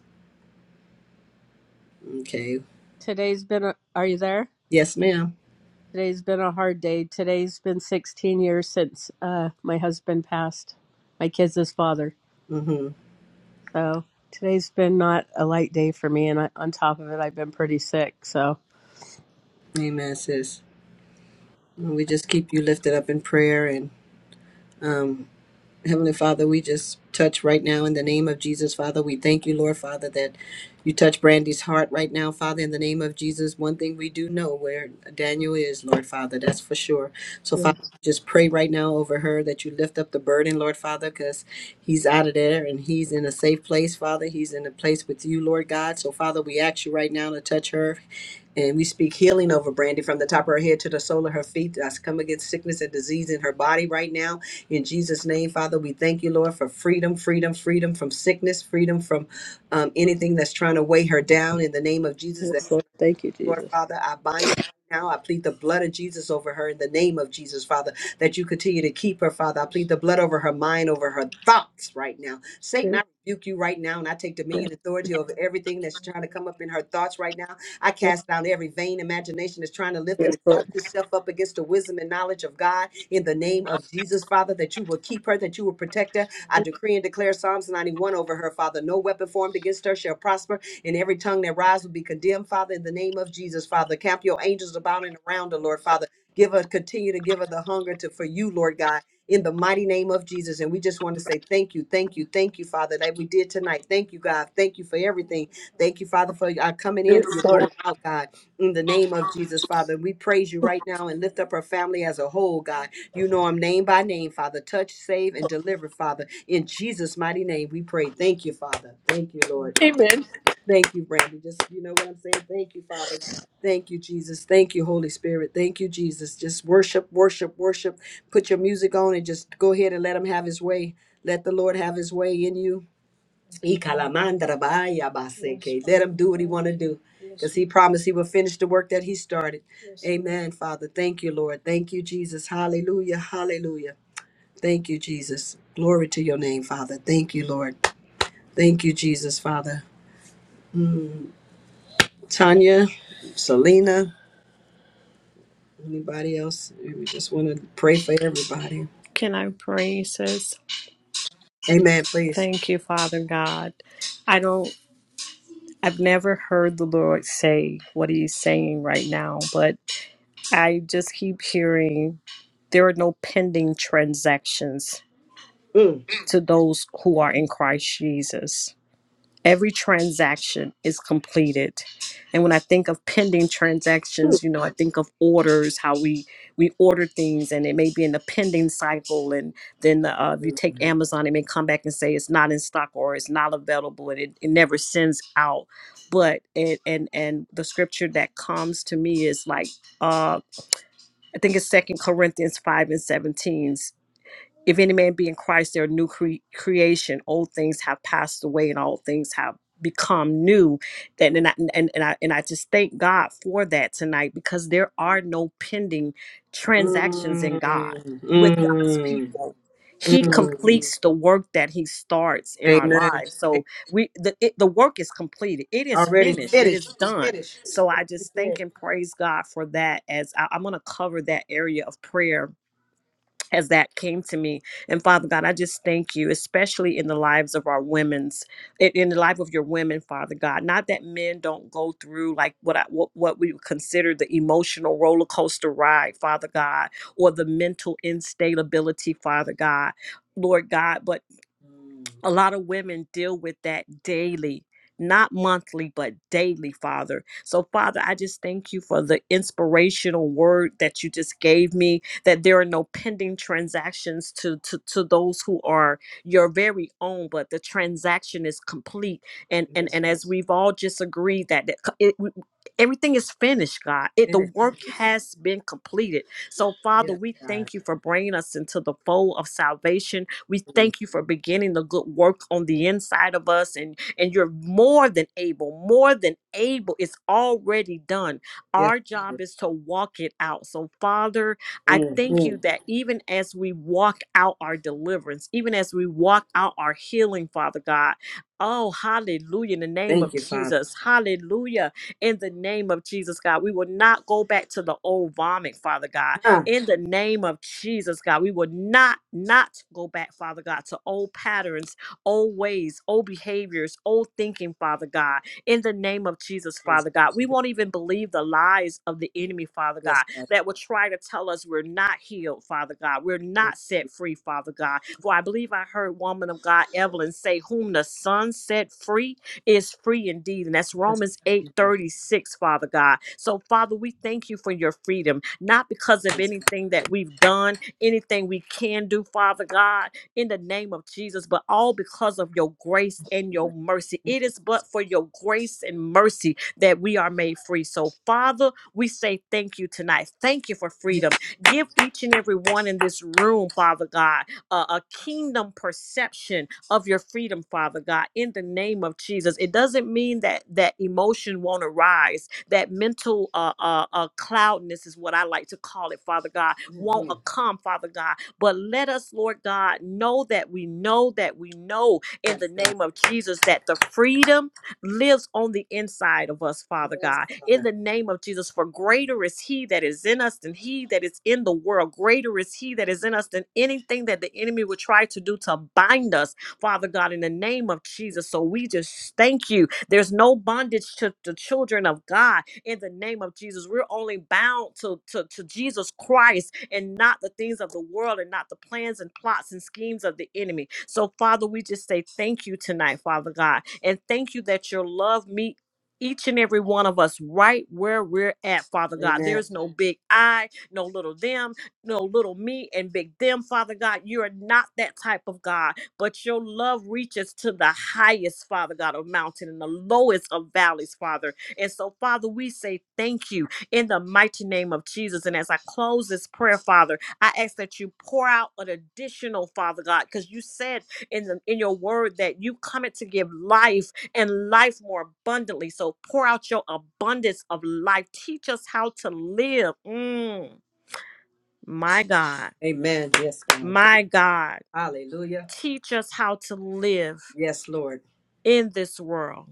S1: Okay.
S7: Today's been a, are you there?
S1: Yes, ma'am.
S7: Today's been a hard day. Today's been 16 years since uh, my husband passed, my kids' his father.
S1: Mm-hmm.
S7: So today's been not a light day for me, and I, on top of it, I've been pretty sick. So
S1: Amen, sis. And We just keep you lifted up in prayer and um, Heavenly Father, we just touch right now in the name of Jesus, Father. We thank you, Lord, Father, that you touch Brandy's heart right now, Father, in the name of Jesus. One thing we do know where Daniel is, Lord, Father, that's for sure. So,
S7: yeah.
S1: Father, just pray right now over her that you lift up the burden, Lord, Father, because he's out of there and he's in a safe place, Father. He's in a place with you, Lord God. So, Father, we ask you right now to touch her and we speak healing over Brandy from the top of her head to the sole of her feet. I come against sickness and disease in her body right now. In Jesus' name, Father, we thank you, Lord, for freedom, freedom, freedom from sickness, freedom from um, anything that's trying to weigh her down. In the name of Jesus, that
S7: yes, Lord. Thank you,
S1: Lord
S7: Jesus.
S1: Father, I bind it right now. I plead the blood of Jesus over her in the name of Jesus, Father, that you continue to keep her, Father. I plead the blood over her mind, over her thoughts right now. Satan,
S7: Yes,
S1: I rebuke you right now, and I take dominion and authority over everything that's trying to come up in her thoughts right now. I
S7: yes,
S1: cast down every vain imagination that's trying to lift and
S7: yes,
S1: exalt
S7: Lord.
S1: itself up against the wisdom and knowledge of God in the name of Jesus, Father, that you will keep her, that you will protect her. I decree and declare Psalms 91 over her, Father. No weapon formed against her shall prosper and every tongue that rise will be condemned, Father, in the name of Jesus, Father. Camp your angels about and around the Lord, Father. Give us, continue to give us the hunger to for you, Lord God, in the mighty name of Jesus. And we just want to say thank you, thank you, thank you, Father, that we did tonight. Thank you, God. Thank you for everything. Thank you, Father, for our coming in
S7: Yes,
S1: and your
S7: Lord.
S1: going out, God, in the name of Jesus, Father. We praise you right now and lift up our family as a whole, God. You know them name by name, Father. Touch, save, and deliver, Father. In Jesus' mighty name, we pray. Thank you, Father. Thank you, Lord.
S7: Amen.
S1: Thank you, Brandy. Just you know what I'm saying. Thank you, Father. Thank you, Jesus. Thank you, Holy Spirit. Thank you, Jesus. Just worship, worship, worship. Put your music on and just go ahead and let him have his way. Let the Lord have his way in you. Ikalamandarabaya-baseke. Let him do what he want to do. Because he promised he would finish the work that he started. Amen, Father. Thank you, Lord. Thank you, Jesus. Hallelujah. Hallelujah. Thank you, Jesus. Glory to your name, Father. Thank you, Lord. Thank you, Jesus, Father. Tanya, Selena. Anybody else? We just want to pray for everybody.
S6: Can I pray, sis?
S1: Amen, please.
S6: Thank you, Father God. I don't, I've never heard the Lord say what He's saying right now, but I just keep hearing there are no pending transactions.
S1: Mm,
S6: to those who are in Christ Jesus. Every transaction is completed. And when I think of pending
S1: mm,
S6: transactions, you know, I think of orders, how we we order things and it may be in the pending cycle and then uh, if you take Amazon, it may come back and say it's not in stock or it's not available and it, it never sends out. But it and and the scripture that comes to me is like uh I think it's second Corinthians 5 and 17 if any man be in Christ, they're a new cre- creation. Old things have passed away, and all things have become new. That and I, and and I and I just thank God for that tonight because there are no pending
S1: mm,
S6: transactions in God with God's
S1: mm,
S6: people. He
S1: mm.
S6: completes the work that He starts in our
S1: Amen.
S6: lives. So we the it, the work is completed. It
S1: All
S6: is
S1: right.
S6: finished. It is done.
S1: Finish.
S6: So I
S1: He
S6: just thank
S1: said,
S6: and praise God for that. As I'm gonna cover that area of prayer as that came to me I just thank you, especially in the lives of our women's, in in the life of your women, Father God. Not that men don't go through like what I, what, what we would consider the emotional roller coaster ride, Father God, or the mental instability, Father God. Lord God, but a lot of women deal with that daily not monthly but daily father so father i just thank you for the inspirational word that you just gave me that there are no pending transactions to to, to those who are your very own but the transaction is complete and and
S1: Yes,
S6: and
S1: God.
S6: as we've all just agreed that, that co- it- Everything is finished, God. It, the
S1: Finish.
S6: work has been completed. So, Father,
S1: Yes,
S6: we
S1: God.
S6: thank you for bringing us into the fold of salvation. We
S1: Mm,
S6: thank you for beginning the good work on the inside of us, and and you're more than able, more than able. It's already done.
S1: yes.
S6: Our
S1: God.
S6: job is to walk it out. So, Father, I
S1: Mm,
S6: thank you
S1: mm.
S6: that even as we walk out our deliverance, even as we walk out our healing, Father God. Oh, hallelujah in the name of
S1: Thank you, Father.
S6: Jesus. Hallelujah in the name of Jesus, God. We will not go back to the old vomit, Father God.
S1: Ah,
S6: In the name of Jesus, God, we will not, not go back, Father God, to old patterns, old ways, old behaviors, old thinking, Father God. In the name of Jesus,
S1: Yes,
S6: Father God, we
S1: God.
S6: won't even believe the lies of the enemy, Father
S1: Yes,
S6: God,
S1: God.
S6: that will try to tell us we're not healed, Father God. We're
S1: Thank
S6: not
S1: you.
S6: set free, Father God. For I believe I heard woman of God, Evelyn, say, Whom the Son set free is free indeed. And that's
S1: Yes,
S6: Romans eight
S1: Jesus.
S6: 36. Father God. So, Father, we thank you for your freedom, not because of anything that we've done, anything we can do, Father God, in the name of Jesus, but all because of your grace and your mercy. It is but for your grace and mercy that we are made free. So, Father, we say thank you tonight. Thank you for freedom. Give each and every one in this room, Father God, a, a kingdom perception of your freedom, Father God, in the name of Jesus. It doesn't mean that that emotion won't arise, that mental uh, uh, uh, cloudness is what I like to call it, Father God, won't uh, come, Father God. But let us, Lord God, know that we know that we know in the name of Jesus that the freedom lives on the inside of us, Father
S1: Yes,
S6: God. In
S1: Father.
S6: the name of Jesus, for greater is He that is in us than He that is in the world. Greater is He that is in us than anything that the enemy would try to do to bind us Father God, in the name of Jesus. So we just thank you. There's no bondage to the children of God in the name of Jesus. We're only bound to, to, to Jesus Christ and not the things of the world and not the plans and plots and schemes of the enemy. So, Father, we just say thank you tonight, Father God. And thank you that your love meet each and every one of us right where we're at, Father God.
S1: Amen.
S6: There's no big I, no little them, no little me, and big them, Father God. You are not that type of God but your love reaches to the highest, Father God, of mountain and the lowest of valleys, Father. And so, Father, we say thank you in the mighty name of Jesus. And as I close this prayer, Father, I ask that you pour out an additional, Father God, because you said in the in your word that you come to give life and life more abundantly. So pour out your abundance of life. Teach us how to live. Mm, my God,
S1: Amen. Yes, God. Thank
S6: my God,
S1: Hallelujah.
S6: teach us how to live
S1: Yes, Lord.
S6: in this world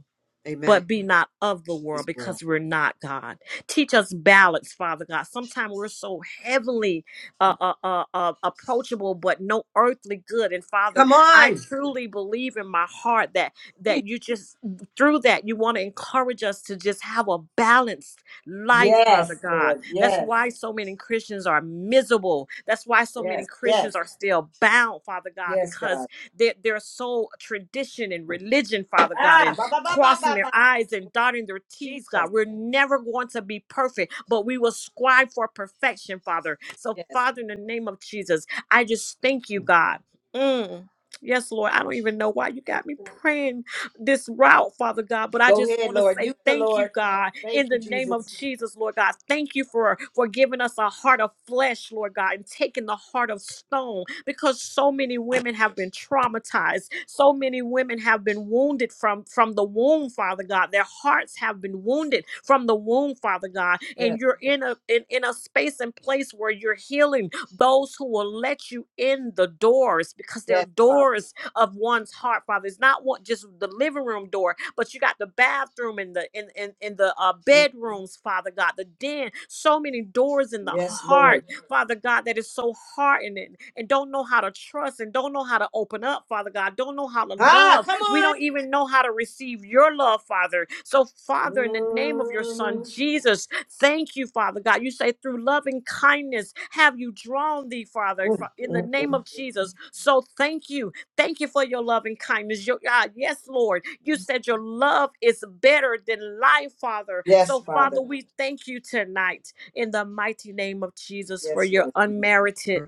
S1: Amen.
S6: but be not of the
S1: This
S6: world
S1: world.
S6: because we're not God. Teach us balance, Father God. Sometimes we're so heavenly uh, uh, uh, uh, approachable, but no earthly good. And Father,
S1: Come
S6: I
S1: on.
S6: truly believe in my heart that that you just through that you want to encourage us to just have a balanced life, Father
S1: Yes,
S6: God.
S1: Lord.
S6: That's
S1: Yes,
S6: why so many Christians are miserable. That's why so many
S1: yes, yes,
S6: Christians are still bound, Father God,
S1: yes,
S6: because
S1: God.
S6: they're, they're so tradition and religion, Father God, and
S1: Ah, ba ba ba ba ba
S6: crossing their
S1: ba.
S6: I's and dotting their T's,
S1: Jesus.
S6: God. We're never going to be perfect, but we will strive for perfection, Father. So,
S1: Yes.
S6: Father, in the name of Jesus, I just thank you, God. Mm. Yes, Lord. I don't even know why you got me praying this route, Father God. But I
S1: Go
S6: just
S1: ahead,
S6: want to
S1: Lord.
S6: say
S1: Use the
S6: thank you,
S1: Lord.
S6: God, in
S1: Thank
S6: the
S1: you,
S6: name of
S1: Jesus.
S6: Jesus, Lord God. Thank you for, for giving us a heart of flesh, Lord God, and taking the heart of stone because so many women have been traumatized. So many women have been wounded from, from the womb, Father God. Their hearts have been wounded from the womb, Father God. And
S1: Yes,
S6: you're in a in, in a space and place where you're healing those who will let you in the doors because there are
S1: yes, Father.
S6: doors of one's heart, Father. It's not what just the living room door, but you got the bathroom and the in in, in the uh,
S1: Mm,
S6: bedrooms, Father God, the den, so many doors in the
S1: Yes, Lord.
S6: heart, Father God, that is so hardening and don't know how to trust and don't know how to open up, Father God, don't know how to
S1: Ah,
S6: love.
S1: come
S6: We
S1: on.
S6: don't even know how to receive your love, Father. So, Father, in the name of your Son
S1: Mm,
S6: Jesus, thank you, Father God. You say through loving kindness have you drawn thee, Father,
S1: mm,
S6: fa- in the
S1: mm.
S6: name of Jesus. So thank you Thank you for your love and kindness. Your, ah, yes, Lord. You said your love is better than life, Father.
S1: Yes,
S6: So, Father,
S1: Father.
S6: we thank you tonight in the mighty name of Jesus for
S1: Yes,
S6: your
S1: Lord.
S6: unmerited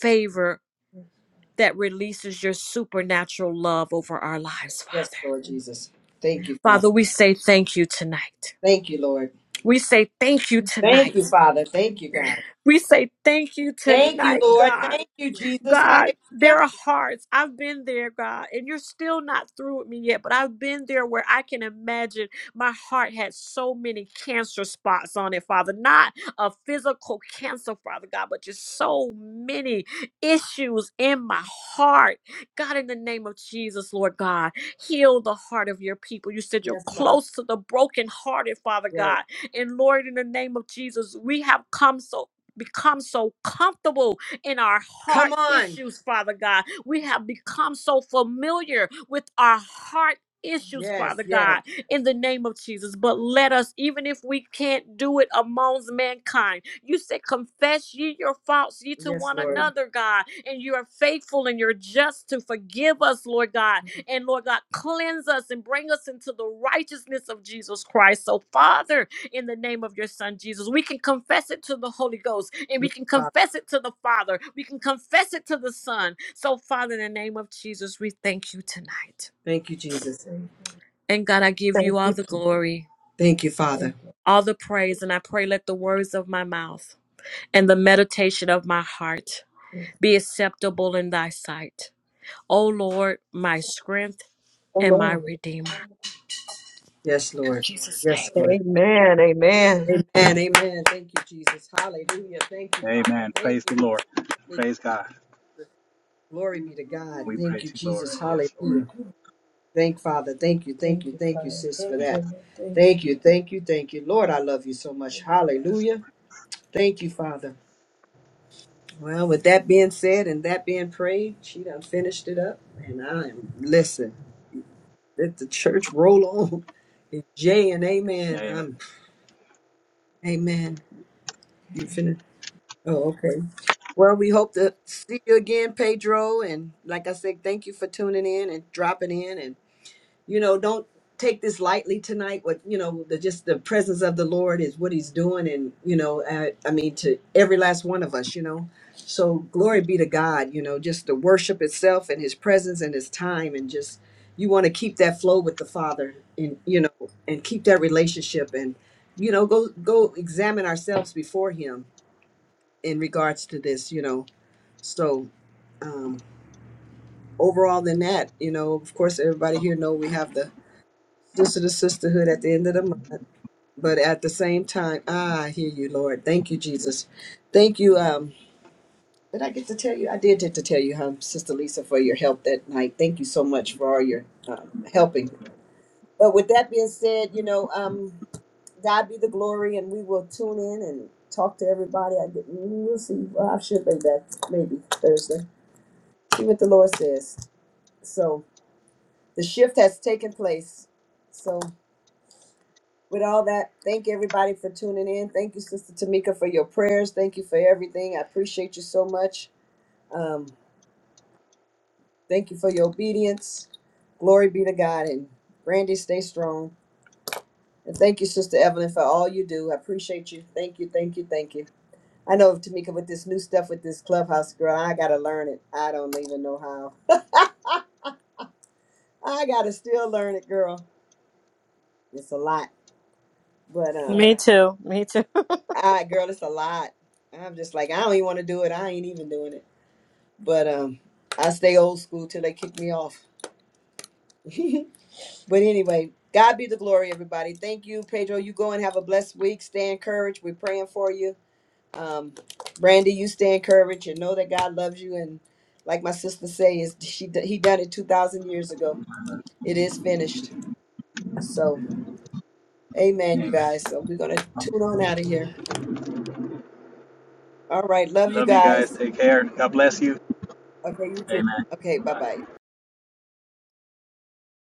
S6: favor that releases your supernatural love over our lives,
S1: Yes,
S6: Father.
S1: Lord Jesus. Thank you, Father.
S6: Father, we say thank you tonight.
S1: Thank you, Lord.
S6: We say thank you
S1: Thank
S6: tonight.
S1: you, Father. Thank you, God.
S6: We say thank you
S1: Thank you,
S6: tonight,
S1: Lord.
S6: God.
S1: Thank you, Jesus.
S6: God,
S1: Hallelujah.
S6: there are hearts. I've been there, God, and you're still not through with me yet, but I've been there where I can imagine my heart had so many cancer spots on it, Father. Not a physical cancer, Father God, but just so many issues in my heart. God, in the name of Jesus, Lord God, heal the heart of your people. You said you're
S1: Yes, Father.
S6: close to the brokenhearted, Father
S1: Yes.
S6: God. And Lord, in the name of Jesus, we have come so become so comfortable in our heart
S1: Come on.
S6: issues, Father God. We have become so familiar with our heart issues,
S1: Yes,
S6: Father
S1: yes.
S6: God, in the name of Jesus. But let us, even if we can't do it amongst mankind, you said, confess ye your faults ye to
S1: Yes,
S6: one
S1: Lord.
S6: another, God, and you are faithful and you're just to forgive us, Lord God. And Lord God, cleanse us and bring us into the righteousness of Jesus Christ. So, Father, in the name of your son Jesus. We can confess it to the Holy Ghost and we can confess it to the Father. We can confess it to the Son. So, Father, in the name of Jesus, we thank you tonight.
S1: Thank you, Jesus.
S6: And God, I give
S2: thank
S6: you all the
S2: you.
S6: glory,
S1: Thank you, Father.
S6: all the praise, and I pray let the words of my mouth and the meditation of my heart be acceptable in thy sight. O Lord, my strength and my
S2: Lord.
S6: redeemer.
S1: Yes,
S6: In
S1: Lord.
S6: Jesus'
S1: Yes,
S6: name.
S1: Lord.
S2: Amen. Amen.
S1: And amen. Thank you, Jesus. Hallelujah. Thank you, Father.
S5: Amen.
S1: Thank
S5: Praise the
S1: you.
S5: Lord.
S1: Thank-
S5: Praise God.
S1: Glory be to God.
S5: We
S1: Thank you,
S5: praise you, Lord.
S1: Jesus.
S5: Yes, Lord.
S1: Hallelujah. Thank Father. Thank you. Thank you. Thank you, sis, for that. Thank you. Thank you. Thank you. Lord, I love you so much.
S5: Yes,
S1: Hallelujah.
S5: Lord.
S1: Thank you, Father. Well, with that being said and that being prayed, she done finished it up. And I am, listen, let the church roll on. (laughs) Jay and amen.
S5: Amen.
S1: I'm Amen. You finished? Oh, okay. Well, we hope to see you again, Pedro. And like I said, thank you for tuning in and dropping in. And you know, don't take this lightly tonight. What you know, the just the presence of the Lord is what He's doing, and you know, I, I mean, to every last one of us, you know. So glory be to God. You know, just the worship itself and His presence and His time, and just you want to keep that flow with the Father, and you know, and keep that relationship and you know go go examine ourselves before him in regards to this, you know. So um, overall, than that, you know, of course, everybody here know we have the sister to sisterhood at the end of the month, but at the same time, ah, I hear you, Lord. Thank you, Jesus. Thank you. Um, did I get to tell you? I did get to tell you, huh, Sister Lisa, for your help that night. Thank you so much for all your um, helping. But with that being said, you know, um, God be the glory, and we will tune in and talk to everybody. I get, we'll see. Well, I should be back maybe Thursday. See what the Lord says. So the shift has taken place. So with all that, thank everybody for tuning in. Thank you, Sister Tamika, for your prayers. Thank you for everything. I appreciate you so much. Um, thank you for your obedience. Glory be to God. And Randy, stay strong. And thank you, Sister Evelyn, for all you do. I appreciate you. Thank you, thank you, thank you. I know, Tamika, with this new stuff with this clubhouse, girl, I got to learn it. I don't even know how. (laughs) I got to still learn it, girl. It's a lot. But um,
S6: Me too. Me too.
S1: I girl, it's a lot. I'm just like, I don't even want to do it. I ain't even doing it. But um, I stay old school till they kick me off. (laughs) but anyway, God be the glory, everybody. Thank you, Pedro. You go and have a blessed week. Stay encouraged. We're praying for you. Um, Brandy, you stay encouraged and know that God loves you. And like my sister says, she he done it two thousand years ago. It is finished. So, Amen, you guys. So we're gonna tune on out of here. All right, love you
S5: Love you guys.
S1: guys.
S5: Take care. God bless you.
S1: Okay, you too.
S5: Amen.
S1: Okay, bye
S5: Bye.
S1: bye.